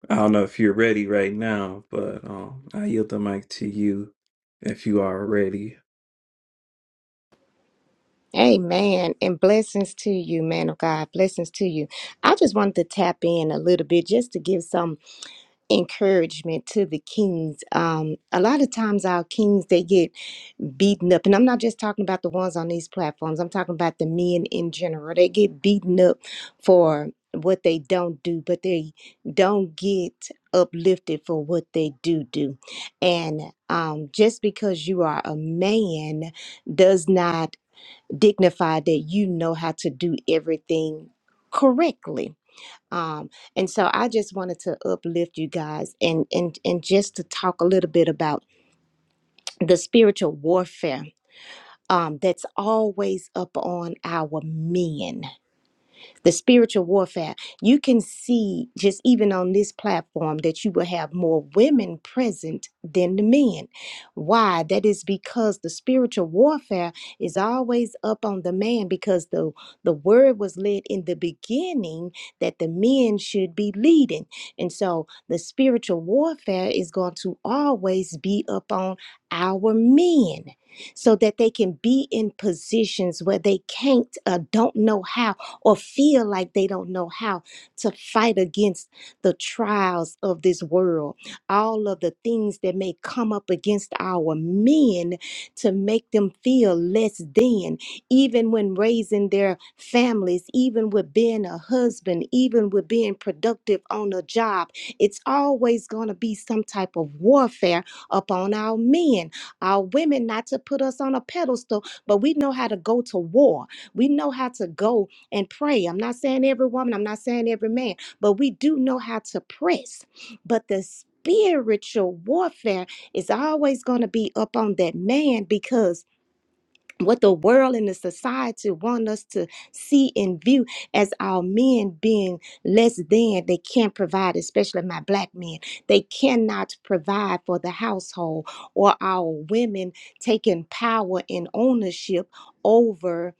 Speaker 1: I don't know if you're ready right now, but um, I yield the mic to you if you are ready.
Speaker 5: Amen. And blessings to you, man of God. Blessings to you. I just wanted to tap in a little bit just to give some encouragement to the kings. Um, a lot of times our kings they get beaten up, and I'm not just talking about the ones on these platforms. I'm talking about the men in general. They get beaten up for what they don't do, but they don't get uplifted for what they do do. And um, just because you are a man does not dignify that you know how to do everything correctly um, and so I just wanted to uplift you guys and and and just to talk a little bit about the spiritual warfare um, that's always up on our men the spiritual warfare. You can see just even on this platform that you will have more women present than the men. Why? That is because the spiritual warfare is always up on the man because the the word was led in the beginning that the men should be leading. And so the spiritual warfare is going to always be up on our men so that they can be in positions where they can't uh, don't know how or feel like they don't know how to fight against the trials of this world, all of the things that may come up against our men to make them feel less than, even when raising their families, even with being a husband, even with being productive on a job. It's always going to be some type of warfare upon our men, our women, not to put us on a pedestal, but we know how to go to war. We know how to go and pray. I'm not saying every woman, I'm not saying every man, but we do know how to press. But the spiritual warfare is always going to be up on that man because what the world and the society want us to see and view as our men being less than they can't provide especially my black men they cannot provide for the household or our women taking power and ownership over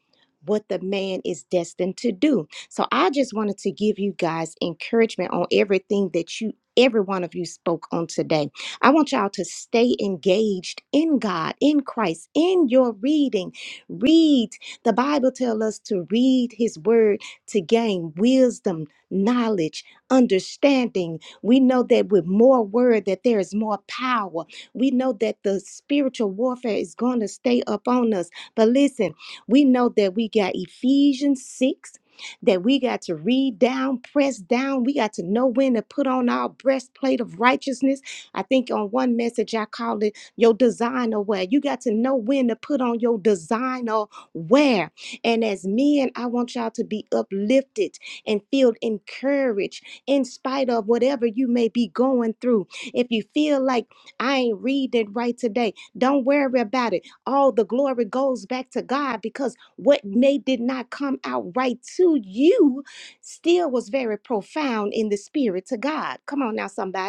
Speaker 5: what the man is destined to do so i just wanted to give you guys encouragement on everything that you every one of you spoke on today I want y'all to stay engaged in God, in Christ, in your reading. Read. The Bible tells us to read his word to gain wisdom, knowledge, understanding. We know that with more word that there is more power. We know that the spiritual warfare is going to stay up on us. But listen, we know that we got Ephesians 6 that we got to read down, press down. We got to know when to put on our breastplate of righteousness. I think on one message I called it your designer wear. You got to know when to put on your designer wear. And as men, I want y'all to be uplifted and feel encouraged in spite of whatever you may be going through. If you feel like I ain't reading right today, don't worry about it. All the glory goes back to God because what may did not come out right to you still was very profound in the spirit to God. Come on now, somebody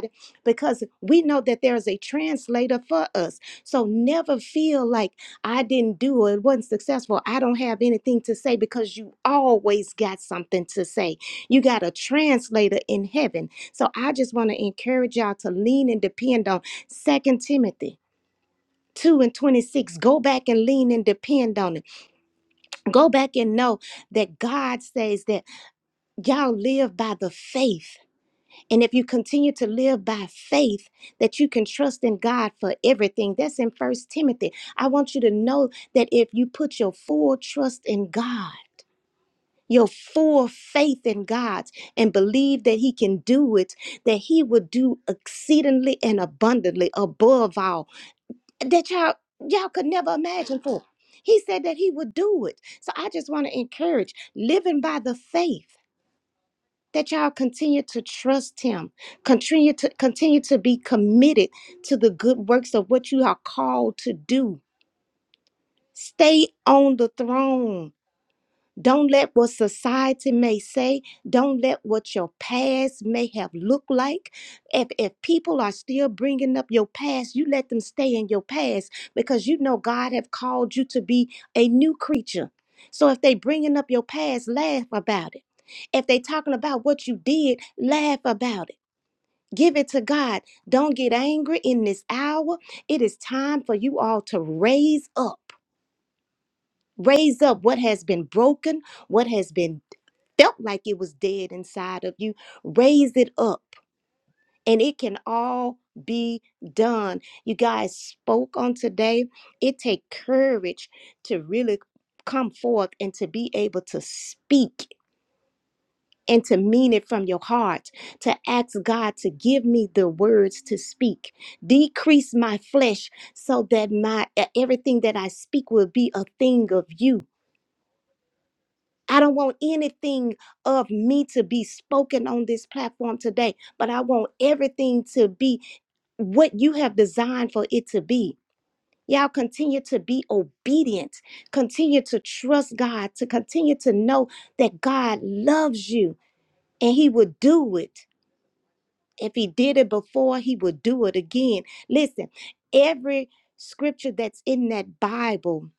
Speaker 5: because we know that there is a translator for us. So never feel like I didn't do it, wasn't successful. I don't have anything to say because you always got something to say. You got a translator in heaven. So I just want to encourage y'all to lean and depend on Second Timothy. 2 and 26 go back and lean and depend on it go back and know that god says that y'all live by the faith and if you continue to live by faith, that you can trust in God for everything. That's in First Timothy. I want you to know that if you put your full trust in God, your full faith in God and believe that He can do it, that He will do exceedingly and abundantly above all that y'all y'all could never imagine for. He said that He would do it. So I just want to encourage living by the faith that y'all continue to trust him continue to continue to be committed to the good works of what you are called to do stay on the throne don't let what society may say, don't let what your past may have looked like. If, if people are still bringing up your past, you let them stay in your past because you know God have called you to be a new creature. So if they bringing up your past, laugh about it. If they talking about what you did, laugh about it. Give it to God. Don't get angry in this hour. It is time for you all to raise up. Raise up what has been broken, what has been felt like it was dead inside of you, raise it up and it can all be done. You guys spoke on today. It take courage to really come forth and to be able to speak and to mean it from your heart, to ask God to give me the words to speak. Decrease my flesh so that my e, everything that I speak will be a thing of you I don't want anything of me to be spoken on this platform today, but I want everything to be what you have designed for it to be. Y'all continue to be obedient, continue to trust God, to continue to know that God loves you and He will do it. If He did it before, He will do it again. Listen, every scripture that's in that Bible,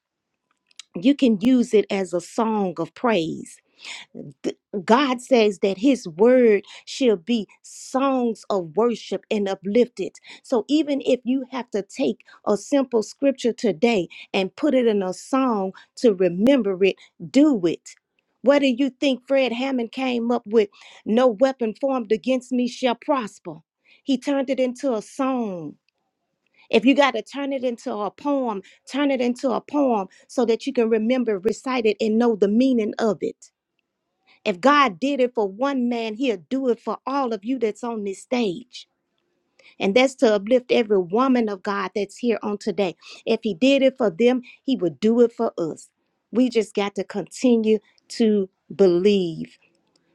Speaker 5: you can use it as a song of praise Th- God says that his word shall be songs of worship and uplifted. So even if you have to take a simple scripture today and put it in a song to remember it, do it. Whether you think Fred Hammond came up with no weapon formed against me shall prosper, he turned it into a song. If you got to turn it into a poem, turn it into a poem so that you can remember, recite it, and know the meaning of it. If God did it for one man, he'll do it for all of you that's on this stage. And that's to uplift every woman of God that's here on today. If he did it for them, he would do it for us. We just got to continue to believe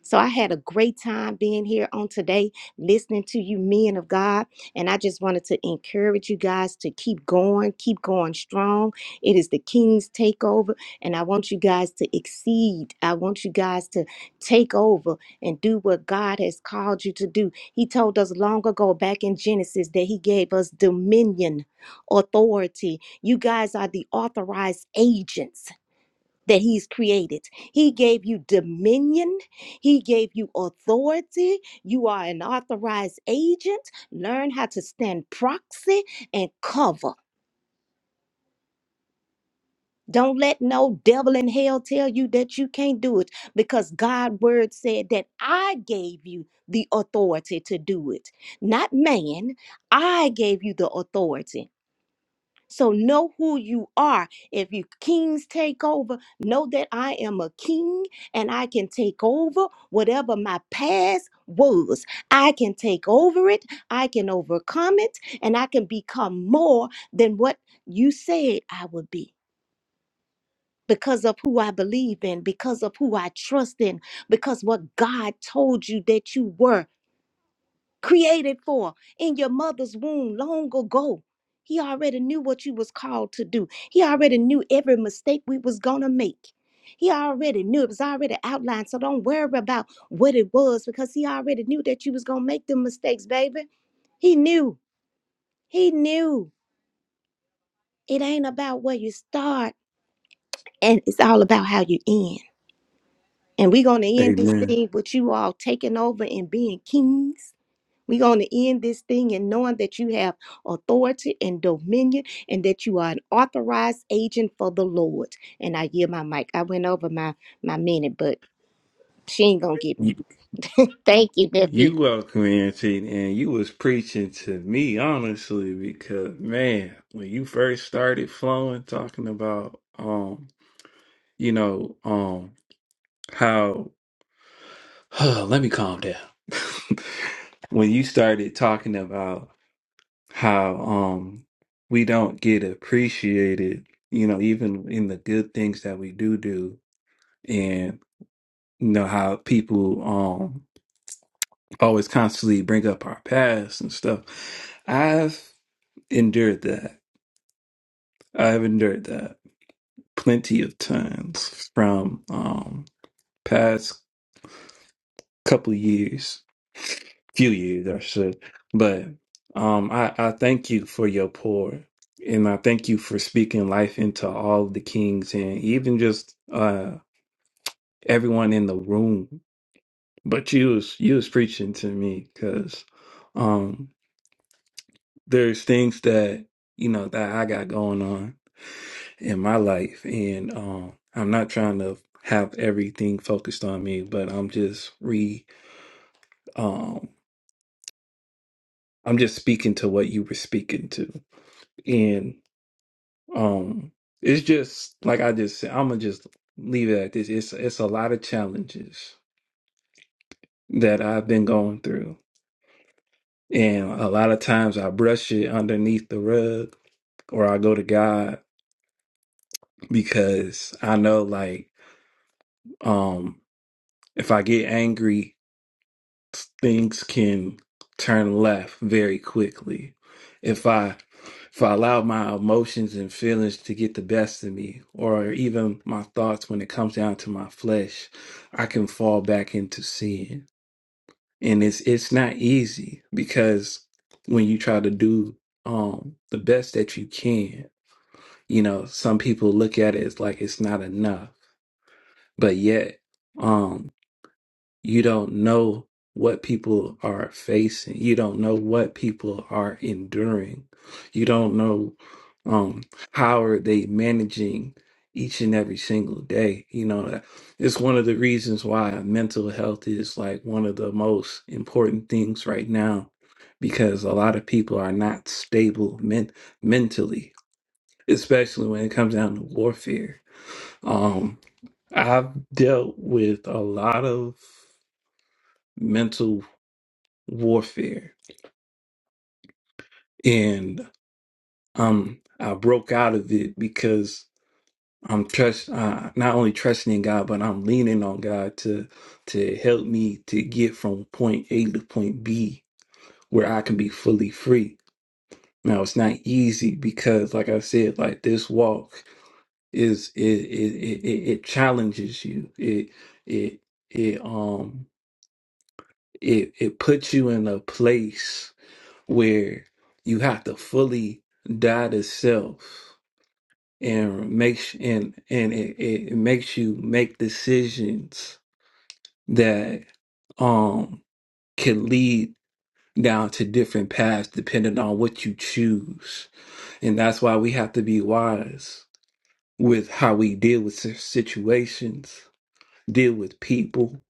Speaker 5: so I had a great time being here on today, listening to you, men of God. And I just wanted to encourage you guys to keep going, keep going strong. It is the King's takeover. And I want you guys to exceed. I want you guys to take over and do what God has called you to do. He told us long ago back in Genesis that He gave us dominion, authority. You guys are the authorized agents that he's created. He gave you dominion, he gave you authority. You are an authorized agent. Learn how to stand proxy and cover. Don't let no devil in hell tell you that you can't do it because God's word said that I gave you the authority to do it. Not man, I gave you the authority. So know who you are. If you kings take over, know that I am a king and I can take over whatever my past was. I can take over it, I can overcome it, and I can become more than what you said I would be. Because of who I believe in, because of who I trust in, because what God told you that you were created for in your mother's womb long ago. He already knew what you was called to do. He already knew every mistake we was gonna make. He already knew it was already outlined. So don't worry about what it was because he already knew that you was gonna make them mistakes, baby. He knew. He knew. It ain't about where you start and it's all about how you end. And we gonna end this
Speaker 1: Amen.
Speaker 5: thing with you all taking over and being kings We're going to end this thing in knowing that you have authority and dominion and that you are an authorized agent for the Lord. And I yield my mic. I went over my, my minute, but she ain't going to get me. Thank you, nephew.
Speaker 1: You welcome Auntie, and you was preaching to me honestly because man, when you first started flowing, talking about um, you know, um, how let me calm down. when you started talking about how um we don't get appreciated, you know, even in the good things that we do do, and you know how people um always constantly bring up our past and stuff. endured that. I've endured that plenty of times from um past couple years, few years I should. But um I, I thank you for your pour. And I thank you for speaking life into all of the kings and even just uh everyone in the room. But you was you was preaching to me because um there's things that you know that I got going on in my life and um I'm not trying to have everything focused on me but I'm just re um I'm just speaking to what you were speaking to and um it's just like I just said I'm gonna just leave it at this it's it's a lot of challenges that I've been going through and a lot of times I brush it underneath the rug or I go to God because I know like um if I get angry things can turn left very quickly if i if i allow my emotions and feelings to get the best of me or even my thoughts when it comes down to my flesh i can fall back into sin and it's it's not easy because when you try to do um the best that you can you know some people look at it as like it's not enough but yet um, you don't know what people are facing. You don't know what people are enduring. You don't know um how are they managing each and every single day. You know, that- it's one of the reasons why mental health is like one of the most important things right now because a lot of people are not stable men- mentally, especially when it comes down to warfare. Um I've dealt with a lot of mental warfare, and um, I broke out of it because I'm trust uh, not only trusting in God, but I'm leaning on God to to help me to get from point A to point B where I can be fully free. Now it's not easy because, like I said, like this walk is it it it, it, it challenges you. It it it um it it puts you in a place where you have to fully die to self and make sh- and and it, it makes you make decisions that um can lead down to different paths depending on what you choose and that's why we have to be wise with how we deal with si- situations deal with people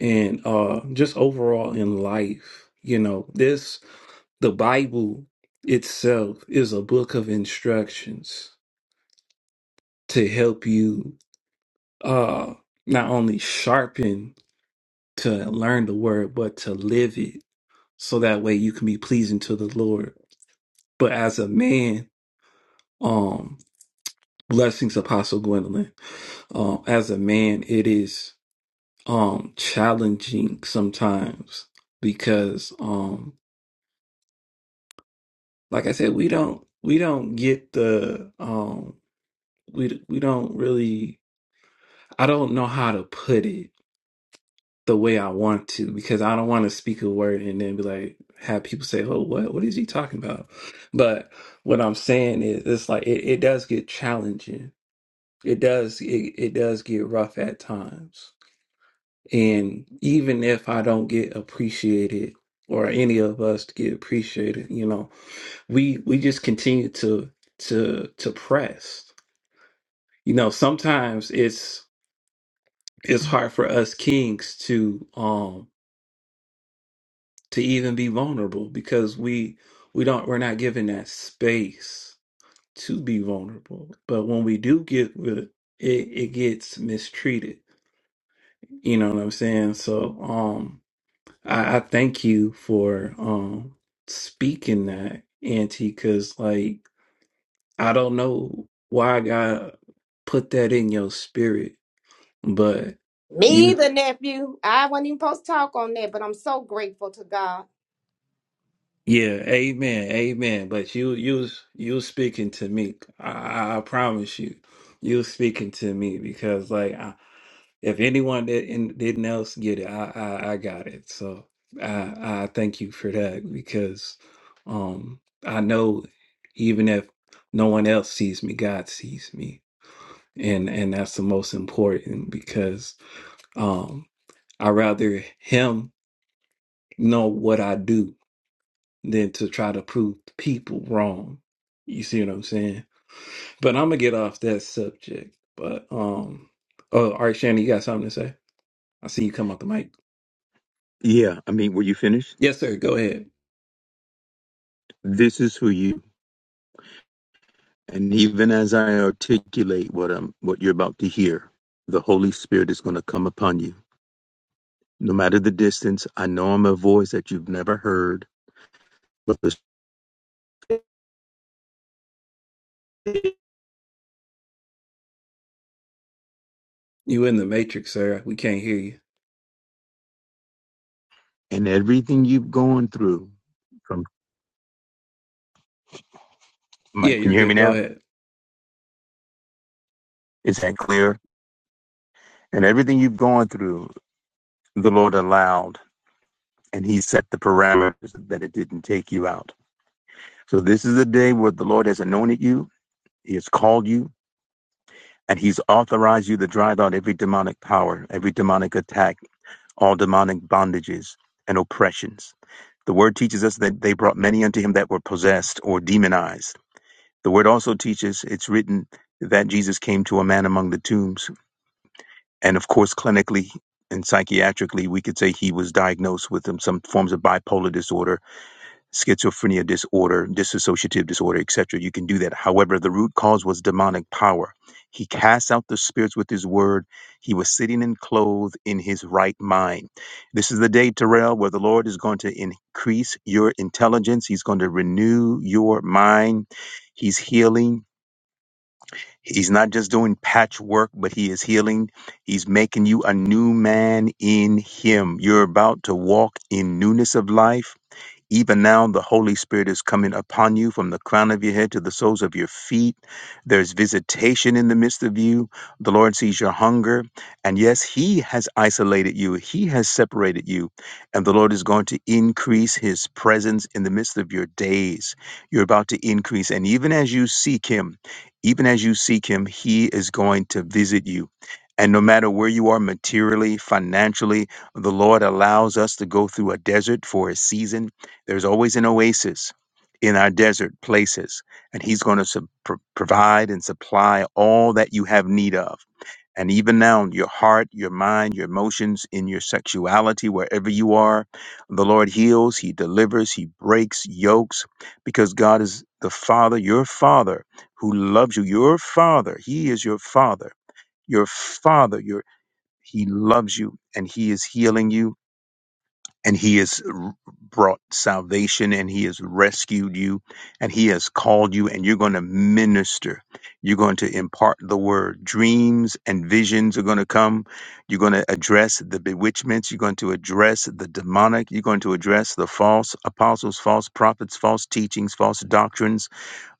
Speaker 1: and uh just overall in life you know this The Bible itself is a book of instructions to help you uh not only sharpen to learn the word but to live it so that way you can be pleasing to the Lord. But as a man, um blessings apostle Gwendolyn. Um as a man it is um challenging sometimes because um like I said we don't we don't get the um we we don't really I don't know how to put it the way I want to because I don't want to speak a word and then be like have people say, "Oh, what? What is he talking about?" But what I'm saying is, it's like it, it does get challenging. It does it, it does get rough at times, and even if I don't get appreciated or any of us get appreciated, you know, we we just continue to to to press. You know, sometimes it's it's hard for us kings to um to even be vulnerable because we we don't we're not given that space to be vulnerable but when we do get with it it it gets mistreated you know what i'm saying so um i, I thank you for um speaking that auntie because like i don't know why god put that in your spirit but you
Speaker 5: Me, the nephew. I wasn't even supposed to talk on that, but I'm so grateful to God.
Speaker 1: Yeah, amen, amen. But you, you, you speaking to me. I, I I promise you, you speaking to me because, like, I, if anyone didn't, didn't else get it, I, I, I got it. So I, I thank you for that because, um, I know even if no one else sees me, God sees me, and and that's the most important because, um, I rather Him know what I do than to try to prove people wrong. You see what I'm saying? But I'm gonna get off that subject. But um, oh, all right, Shannon, you got something to say? I see you come off the mic.
Speaker 4: Yeah, I mean, were you finished?
Speaker 1: Yes, sir. Go ahead.
Speaker 4: This is who you. And even as I articulate what I'm, what you're about to hear, the Holy Spirit is going to come upon you, no matter the distance. I know I'm a voice that you've never heard, but the Spirit
Speaker 1: You in the matrix, sir? We can't hear you.
Speaker 4: and everything you've gone through. From
Speaker 1: Yeah,
Speaker 4: Mike, can
Speaker 1: you're
Speaker 4: you hear me
Speaker 1: good. Go
Speaker 4: now?
Speaker 1: ahead.
Speaker 4: Is that clear? And everything you've gone through, the Lord allowed and he set the parameters that it didn't take you out. So this is the day where the Lord has anointed you, he has called you, and he's authorized you to drive out every demonic power, every demonic attack, all demonic bondages and oppressions. The word teaches us that they brought many unto him that were possessed or demonized. The word also teaches, it's written that Jesus came to a man among the tombs. And of course, clinically and psychiatrically, we could say he was diagnosed with some forms of bipolar disorder schizophrenia disorder, dissociative disorder, etc. You can do that. However, the root cause was demonic power. He cast out the spirits with his word. He was sitting and clothed in his right mind. This is the day, Terrell, where the Lord is going to increase your intelligence. He's going to renew your mind. He's healing. He's not just doing patchwork, but he is healing. He's making you a new man in him. You're about to walk in newness of life even now, the Holy Spirit is coming upon you from the crown of your head to the soles of your feet. There's visitation in the midst of you. The Lord sees your hunger. And yes, He has isolated you, He has separated you. And the Lord is going to increase His presence in the midst of your days. You're about to increase. And even as you seek Him, even as you seek Him, He is going to visit you. And no matter where you are materially, financially, the Lord allows us to go through a desert for a season there's always an oasis in our desert places, and He's going to su- pro- provide and supply all that you have need of. And even now, your heart, your mind, your emotions, in your sexuality, wherever you are, the Lord heals, He delivers, He breaks yokes, because God is the Father, your Father, who loves you. Your Father, He is your Father. Your Father, your He loves you, and He is healing you and he has r- brought salvation and he has rescued you and he has called you and you're going to minister you're going to impart the word dreams and visions are going to come you're going to address the bewitchments you're going to address the demonic you're going to address the false apostles false prophets false teachings false doctrines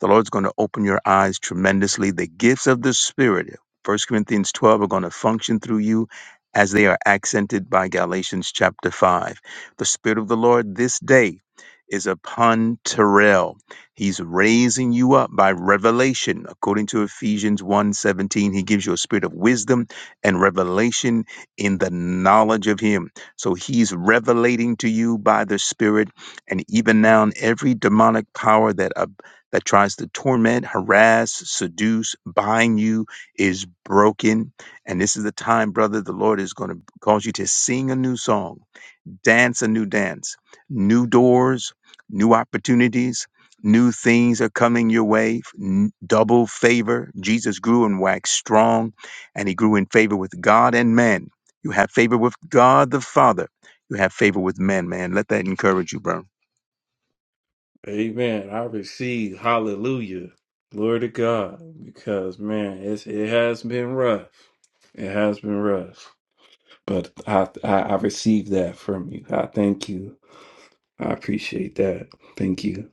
Speaker 4: the Lord's going to open your eyes tremendously. The gifts of the Spirit, First Corinthians 12, are going to function through you as they are accented by Galatians chapter 5. The Spirit of the Lord this day is upon Terrell. He's raising you up by revelation. According to Ephesians one seventeen. he gives you a spirit of wisdom and revelation in the knowledge of him. So he's revelating to you by the Spirit and even now every demonic power that that tries to torment, harass, seduce, bind you is broken. And this is the time, brother, the Lord is going to cause you to sing a new song dance a new dance. New doors, new opportunities, new things are coming your way. N- Double favor. Jesus grew and waxed strong, and he grew in favor with God and man. You have favor with God the Father. You have favor with men, man. Let that encourage you, bro.
Speaker 1: Amen. I receive. Hallelujah. Glory to God. Because man, it's it has been rough. It has been rough. But I, I I received that from you. I thank you. I appreciate that. Thank you.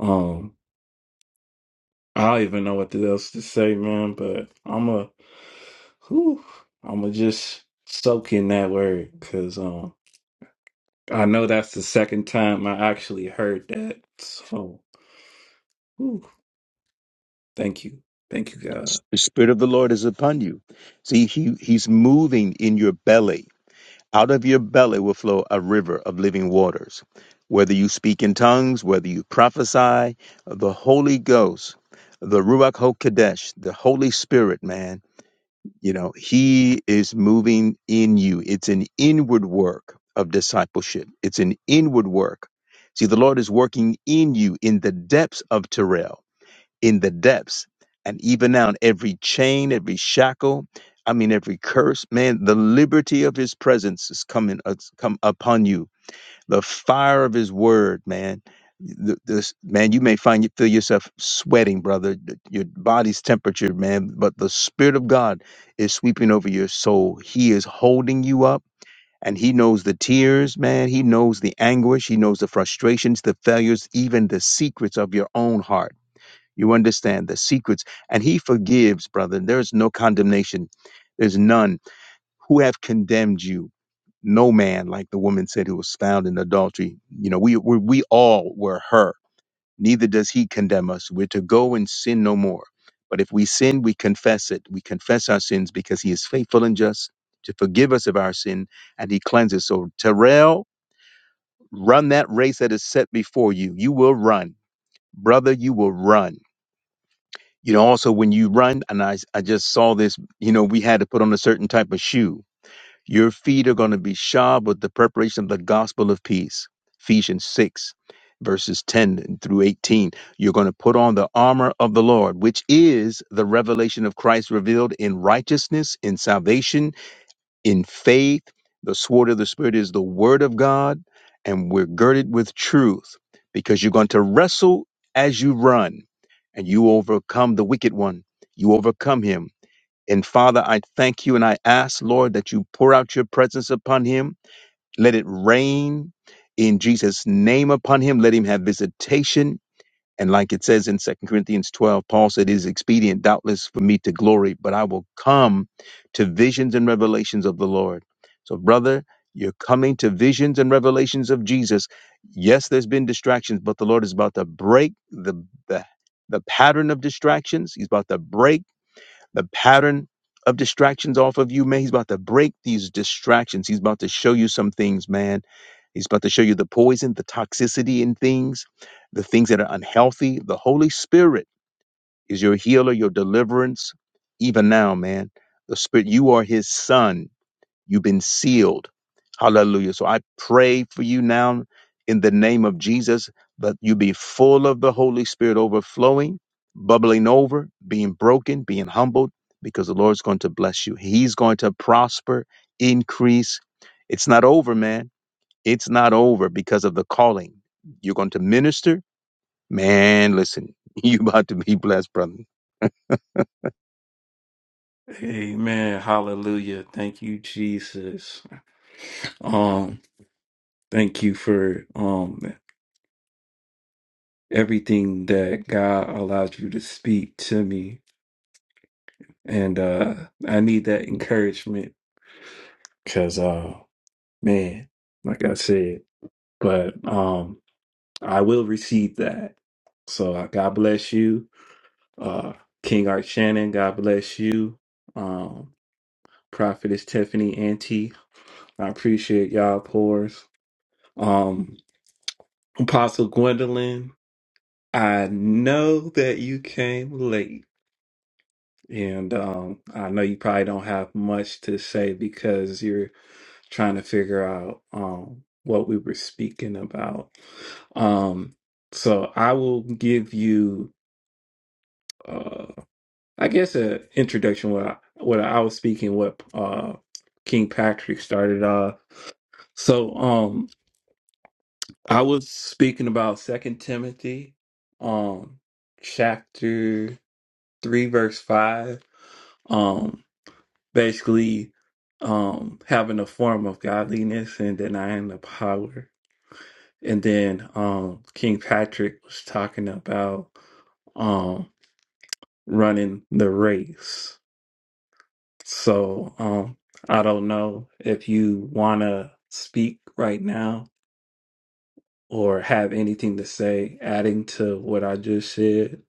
Speaker 1: Um, I don't even know what else to say, man. But I'm a, whew, I'm a just soak in that word because um, I know that's the second time I actually heard that. So, whew, thank you, thank you, God.
Speaker 4: The Spirit of the Lord is upon you. See, he, He's moving in your belly. Out of your belly will flow a river of living waters. Whether you speak in tongues, whether you prophesy, the Holy Ghost, the Ruach HaKodesh, the Holy Spirit, man, you know, He is moving in you. It's an inward work of discipleship, it's an inward work. See, the Lord is working in you in the depths of Terrell in the depths. And even now, in every chain, every shackle, I mean, every curse, man, the liberty of his presence is coming us come upon you. The fire of his word, man. Th- This man, you may find you feel yourself sweating, brother. th- Your body's temperature, man. But the Spirit of God is sweeping over your soul. He is holding you up, and He knows the tears, man. He knows the anguish. He knows the frustrations, the failures, even the secrets of your own heart you understand the secrets. And he forgives, brother. There is no condemnation. There's none who have condemned you. No man, like the woman said, who was found in adultery. You know, we, we, we all were her. Neither does he condemn us. We're to go and sin no more. But if we sin, we confess it. We confess our sins because he is faithful and just to forgive us of our sin and he cleanses. So, Terrell, run that race that is set before you. You will run. Brother, you will run you know also when you run and i i just saw this you know we had to put on a certain type of shoe your feet are going to be shod with the preparation of the gospel of peace ephesians 6 verses 10 through 18 you're going to put on the armor of the lord which is the revelation of christ revealed in righteousness in salvation in faith. The sword of the Spirit is the word of God, and we're girded with truth because you're going to wrestle as you run and you overcome the wicked one. You overcome him. And Father, I thank you and I ask, Lord, that you pour out your presence upon him. Let it rain in Jesus' name upon him. Let him have visitation and like it says in Second Corinthians 12, Paul said, It is expedient, doubtless, for me to glory, but I will come to visions and revelations of the Lord. So, brother, you're coming to visions and revelations of Jesus. Yes, there's been distractions, but the Lord is about to break the, the, the pattern of distractions. He's about to break the pattern of distractions off of you, man. He's about to break these distractions. He's about to show you some things, man. He's about to show you the poison, the toxicity in things, the things that are unhealthy. The Holy Spirit is your healer, your deliverance, even now, man. The Spirit, you are His son You've been sealed. Hallelujah. So I pray for you now in the name of Jesus that you be full of the Holy Spirit overflowing, bubbling over, being broken, being humbled, because the Lord's going to bless you. He's going to prosper, increase. It's not over, man. It's not over because of the calling. You're going to minister. Man, listen, you about to be blessed, brother.
Speaker 1: Amen. Hallelujah. Thank you, Jesus. Um, thank you for um everything that God allows you to speak to me. And uh I need that encouragement because uh man, like I said, but um I will receive that. So uh, God bless you. Uh King Art Shannon, God bless you. Um Prophetess Tiffany Ante, I appreciate y'all pores. Um Apostle Gwendolyn, I know that you came late And um, I know you probably don't have much to say because you're trying to figure out um, what we were speaking about. Um, so I will give you, uh, I guess, an introduction what I, what I was speaking, what uh, King Patrick started off. So um, I was speaking about Second Timothy, um, chapter three, verse five. um, basically um having a form of godliness and denying the power. And then um King Patrick was talking about um running the race. So um I don't know if you wanna speak right now or have anything to say adding to what I just said,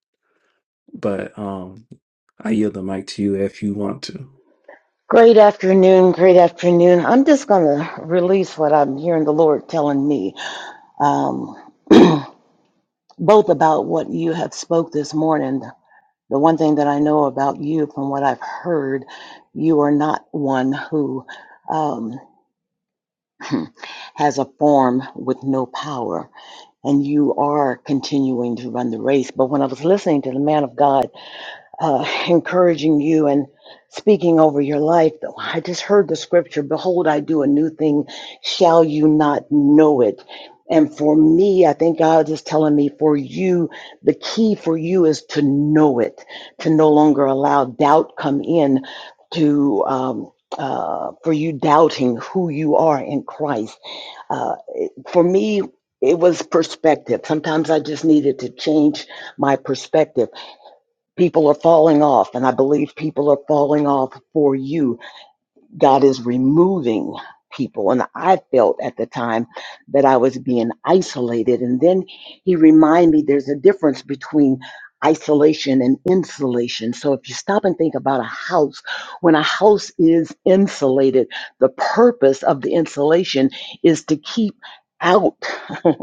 Speaker 1: but um I yield the mic to you if you want
Speaker 7: Great afternoon, great afternoon. I'm just going to release what I'm hearing the Lord telling me, um, both about what you have spoke this morning. The one thing that I know about you, from what I've heard, you are not one who um, has a form with no power, and you are continuing to run the race. But when I was listening to the man of God uh, encouraging you and speaking over your life. Though I just heard the scripture, Behold, I do a new thing. Shall you not know it? And for me, I think God is telling me for you, the key for you is to know it, to no longer allow doubt come in to. Um, uh, for you doubting who you are in Christ. Uh, it- for me, it was perspective. Sometimes I just needed to change my perspective People are falling off, and I believe people are falling off for you. God is removing people. And I felt at the time that I was being isolated. And then he reminded me there's a difference between isolation and insulation. So if you stop and think about a house, when a house is insulated, the purpose of the insulation is to keep out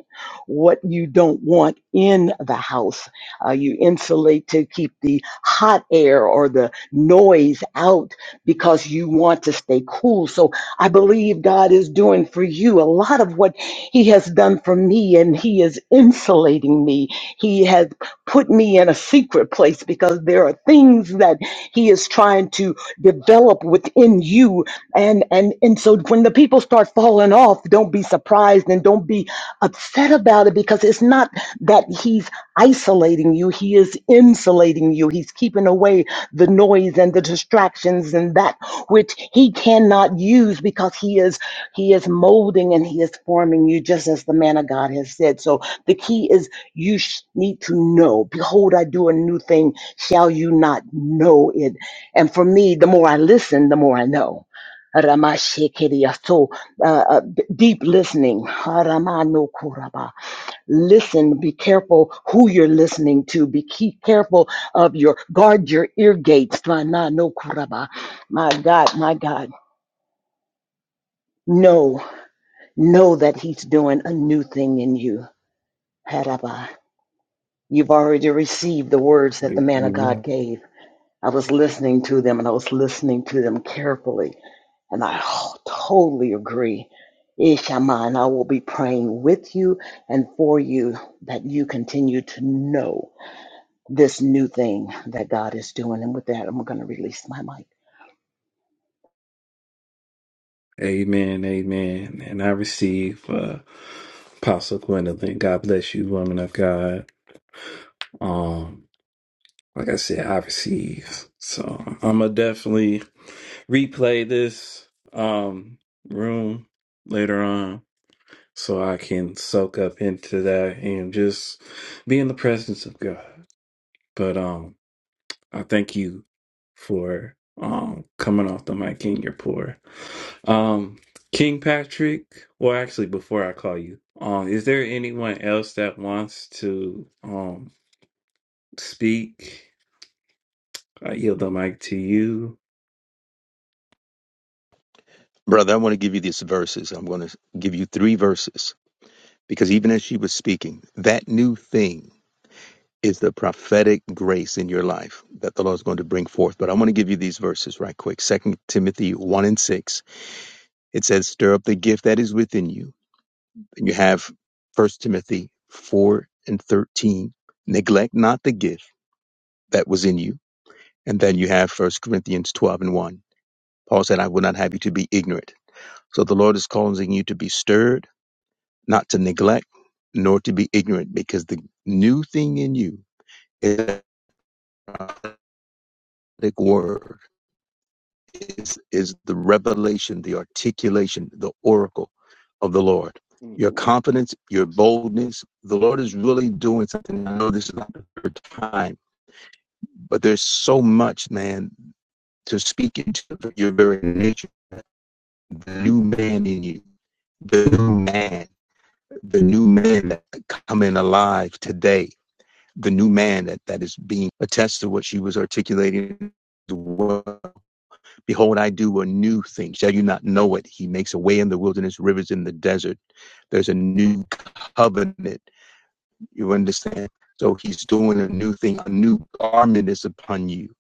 Speaker 7: what you don't want in the house. Uh, you insulate to keep the hot air or the noise out because you want to stay cool. So I believe God is doing for you a lot of what He has done for me, and He is insulating me. He has put me in a secret place because there are things that He is trying to develop within you. And and and so when the people start falling off, don't be surprised and don't be upset about it because it's not that he's isolating you, he is insulating you. He's keeping away the noise and the distractions and that which he cannot use because he is he is molding and he is forming you just as the man of God has said. So the key is you sh- need to know. Behold, I do a new thing. Shall you not know it? And for me, the more I listen, the more I know. Ramashekeria. So uh, uh, deep listening. Haramano kuraba. Listen, be careful who you're listening to. Be keep careful of your guard your ear gates. Tranano kuraba. My God, my God. Know, know that he's doing a new thing in you. Haraba. You've already received the words that the man of God
Speaker 1: to.
Speaker 7: gave. I was listening to them and I was listening to them carefully. And I totally agree. Ishama, and I will be praying with you and for you that you continue to know this new thing that God is doing. And with that, I'm going to release my mic.
Speaker 1: Amen, amen. And I receive uh, Apostle Gwendolyn. God bless you, woman of God. Um, like I said, I receive. So I'm gonna definitely replay this um room later on, so I can soak up into that and just be in the presence of God. But um. I thank you for um coming off the mic, King. You're poor. Um, King Patrick. Well, actually, before I call you, um, is there anyone else that wants to um speak? I yield the mic to you.
Speaker 4: Brother, I want to give you these verses. I'm going to give you three verses Because even as she was speaking, that new thing is the prophetic grace in your life that the Lord is going to bring forth. But I want to give you these verses right quick. Second Timothy one and six. It says, Stir up the gift that is within you. And you have First Timothy four and thirteen. Neglect not the gift that was in you. And then you have First Corinthians twelve and one. Paul said, I would not have you to be ignorant. So the Lord is causing you to be stirred, not to neglect, nor to be ignorant, because the new thing in you is a prophetic word. Is is the revelation, the articulation, the oracle of the Lord.
Speaker 2: Mm,
Speaker 4: Your
Speaker 2: Lord,
Speaker 4: confidence, your
Speaker 2: boy, son.
Speaker 4: boldness. The Lord is really doing something. I know this is not the third time, but there's so much, man, to speak into your very nature, the new man in you the new man, the new man that coming alive today, the new man that, that is being attached to what she was articulating. Well, Behold, I do a new thing. Shall you not know it? He makes a way in the wilderness, rivers in the desert. There's a new covenant. You understand? So he's doing a new thing. A new garment is upon you.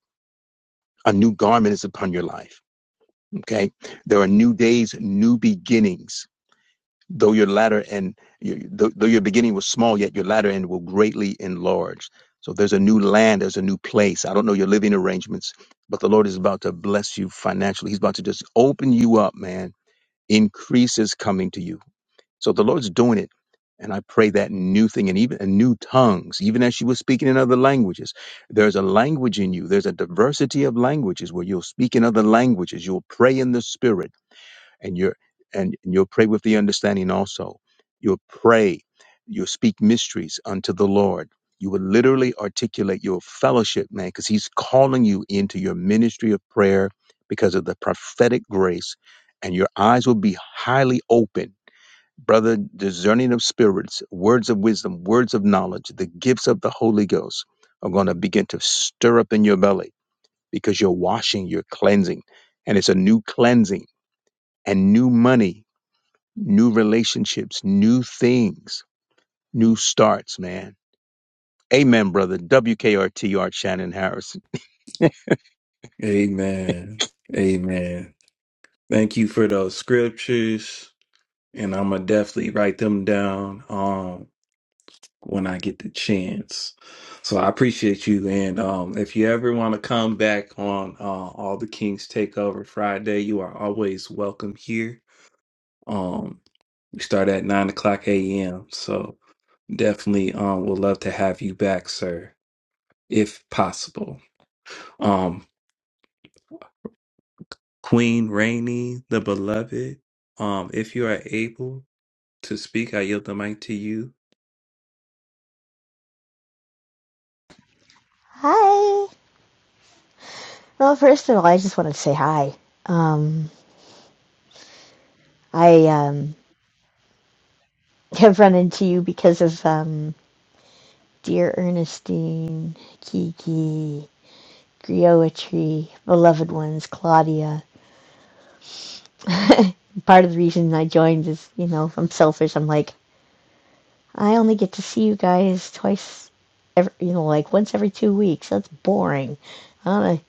Speaker 4: A new garment is upon your life. Okay. There are new days, new beginnings. Though your latter end, though, though your beginning was small, yet your latter end will greatly enlarge. So there's a new land, there's a new place. I don't know your living arrangements, but the Lord is about to bless you financially. He's about to just open you up, man Increase is coming to you. So the Lord's doing it. And I pray that new thing and even and new tongues, even as you were speaking in other languages, there's a language in you. There's a diversity of languages where you'll speak in other languages. You'll pray in the spirit and you're and, you'll pray with the understanding also you'll pray you'll speak mysteries unto the lord you will literally articulate your fellowship man because he's calling you into your ministry of prayer because of the prophetic grace and your eyes will be highly open brother discerning of spirits words of wisdom words of knowledge the gifts of the holy ghost are going to begin to stir up in your belly because you're washing you're cleansing and it's a new cleansing and new money new relationships, new things, new starts, man. Amen, brother. WKRT Art Shannon Harrison.
Speaker 1: Amen. Amen. Thank you for those scriptures, and I'm gonna definitely write them down. Um, when I get the chance. So I appreciate you. And um, if you ever want to come back on uh, All the Kings Takeover Friday, you are always welcome here. Um, we start at 9 o'clock a.m. So definitely um, would love to have you back, sir, if possible. Um, Queen Rainey, the beloved, um, if you are able to speak, I yield the mic to you.
Speaker 8: Hi. Well, first of all, I just wanted to say hi. Um, I um, have run into you because of um, dear Ernestine, Kiki, Griotry, beloved ones, Claudia. Part of the reason I joined is, you know, if I'm selfish, I'm like, I only get to see you guys twice, every, you know, like once every two weeks. That's boring. I want to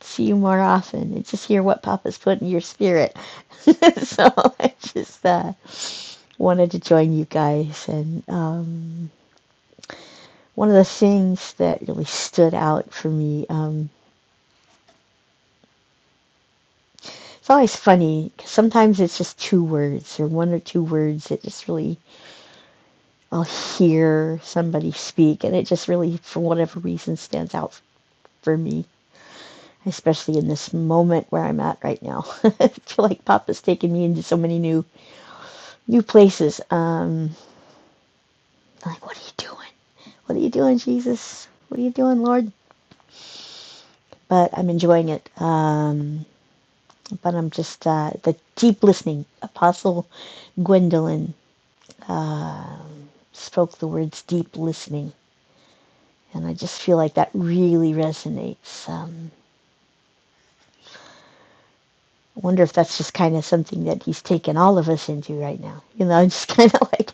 Speaker 8: see you more often and just hear what Papa's put in your spirit. so I just, uh, wanted to join you guys. And um, one of the things that really stood out for me, um, it's always funny because sometimes it's just two words or one or two words that just really, I'll hear somebody speak and it just really, for whatever reason, stands out for me. Especially in this moment where I'm at right now, I feel like Papa's taken me into so many new new places. Um, like, what are you doing? What are you doing, Jesus? What are you doing, Lord? But I'm enjoying it. Um, but I'm just uh, the deep listening. Apostle Gwendolyn uh, spoke the words deep listening, and I just feel like that really resonates. Um, I wonder if that's just kind of something that he's taken all of us into right now. You know, I'm just kind of like,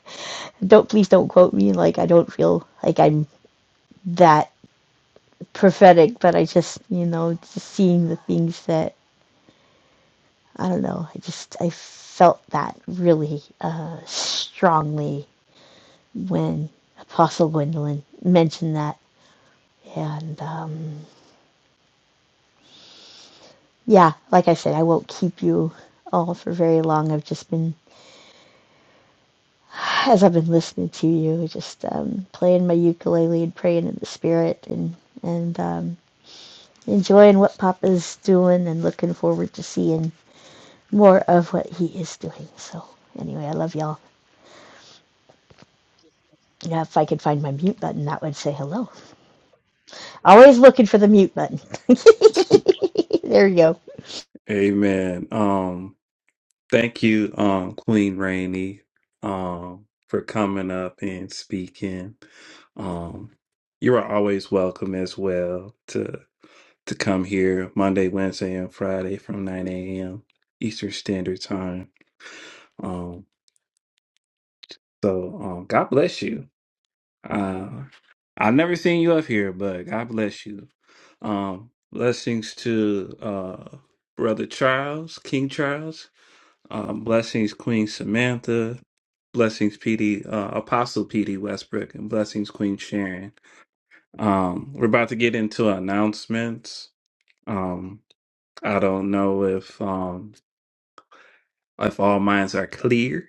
Speaker 8: don't please don't quote me. Like I don't feel like I'm that prophetic, but I just you know just seeing the things that I don't know. I just I felt that really uh, strongly when Apostle Gwendolyn mentioned that. And um, yeah, like I said, I won't keep you all for very long. I've just been, as I've been listening to you, just um, playing my ukulele and praying in the spirit and and um, enjoying what Papa's doing and looking forward to seeing more of what he is doing. So anyway, I love y'all. You know, if I could find my mute button, that would say hello. Always looking for the mute button. there you go.
Speaker 1: Amen. Um, Thank you, um, Queen Rainey, um, for coming up and speaking. Um, you are always welcome as well to to come here Monday, Wednesday, and Friday from 9 a.m. Eastern Standard Time. Um, so um, God bless you. Uh, I've never seen you up here, but God bless you. Um, blessings to uh, Brother Charles, King Charles. Um, blessings, Queen Samantha. Blessings, PD, uh, Apostle PD Westbrook, and blessings, Queen Sharon. Um, we're about to get into announcements. Um, I don't know if um, if all minds are clear.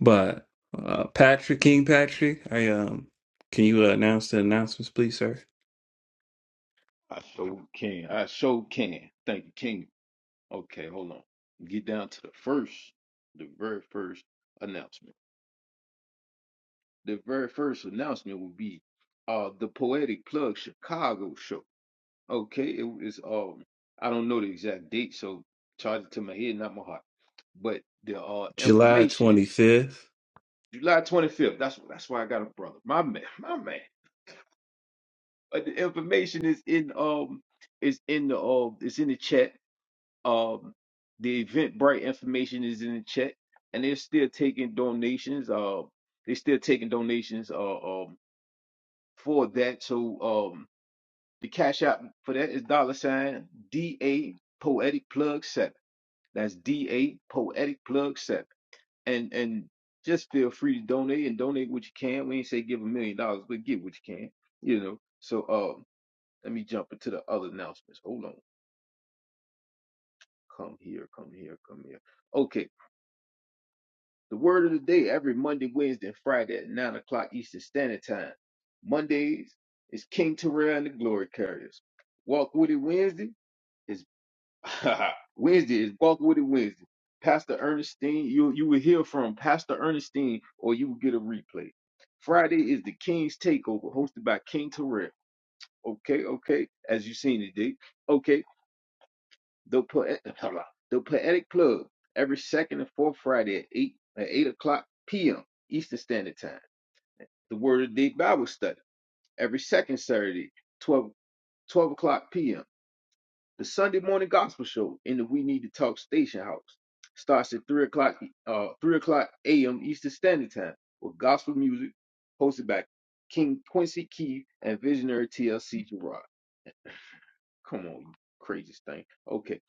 Speaker 1: But uh, Patrick King Patrick, I um, can you uh, announce the announcements, please, sir?
Speaker 2: I sure can. I sure can. Thank you, King. Okay, hold on. Get down to the first, the very first announcement. The very first announcement will be uh the Poetic Plug Chicago show. Okay, it is um I don't know the exact date, so charge it to my head, not my heart. But the uh
Speaker 1: July
Speaker 2: information,
Speaker 1: 25th.
Speaker 2: July 25th. That's that's why I got a brother. My man, my man. But the information is in um is in the um it's in the chat. Um, the Eventbrite information is in the chat, and they're still taking donations. Uh, they're still taking donations. Uh, um, for that, so um, the cash app for that is dollar sign D A Poetic Plug Set. That's D A Poetic Plug Set, and and just feel free to donate and donate what you can. We ain't say give a million dollars, but give what you can. You know. So um, let me jump into the other announcements. Hold on. Come here. Come here. Come here. Okay. The word of the day every Monday, Wednesday, and Friday at 9 o'clock Eastern Standard Time. Mondays is King Terrell and the Glory Carriers. Walk with It Wednesday is Wednesday is Walk with It Wednesday. Pastor Ernestine, you you will hear from Pastor Ernestine or you will get a replay. Friday is the King's Takeover, hosted by King Terrell. Okay, okay, as you seen today. Okay. The, poe- the Poetic Plug every second and fourth Friday at 8, at 8 o'clock p.m. Eastern Standard Time. The Word of the Day Bible Study every second Saturday, 12 12 o'clock p.m. The Sunday Morning Gospel Show in the We Need to Talk Station House starts at 3 o'clock, uh, 3 o'clock a.m. Eastern Standard Time with gospel music hosted by King Quincy Keith and Visionary TLC Gerard. Come on, you craziest thing. Okay.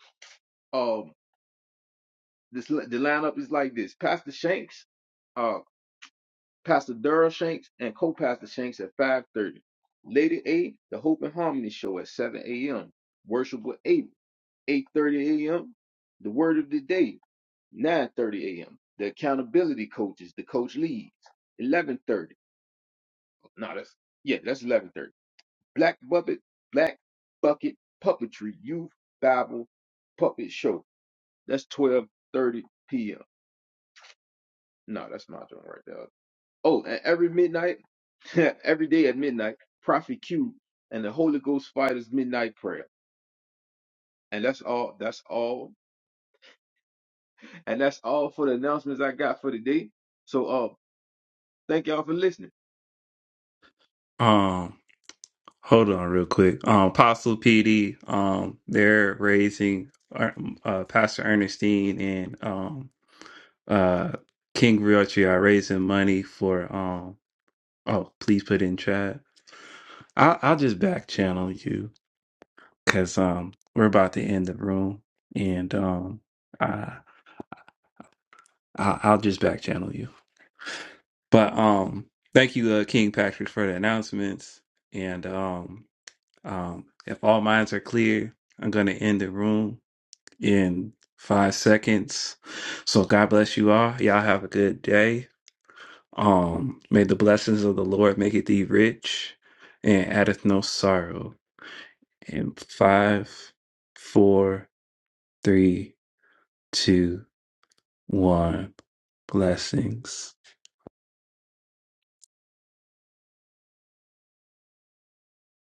Speaker 2: um. This the lineup is like this: Pastor Shanks, uh, Pastor Daryl Shanks, and co-pastor Shanks at 5:30. Lady A, the Hope and Harmony show at 7 a.m. Worship with Abel, 8:30 a.m. The Word of the Day, 9:30 a.m. The Accountability Coaches, the Coach Leads, 11:30. No, that's yeah, that's 11:30. Black Bucket, Black Bucket Puppetry Youth Bible Puppet Show. That's 12:30 p.m. No, that's not doing right there. Oh, and every midnight, every day at midnight, Prophet Q and the Holy Ghost Fighters Midnight Prayer. And that's all. That's all. And that's all for the announcements I got for today. So uh thank y'all for listening.
Speaker 1: Um, hold on real quick. Um, Apostle PD, um, they're raising uh, um, uh, Pastor Ernestine and um. uh King Realty are raising money for um oh please put in chat. I'll I'll just back channel you because um we're about to end the room and um I I'll, I'll just back channel you. But um thank you uh, King Patrick for the announcements and um um if all minds are clear I'm gonna end the room in five seconds. So God bless you all. Y'all have a good day Um, may the blessings of the Lord make thee rich and addeth no sorrow. And five, four, three, two, one. Blessings.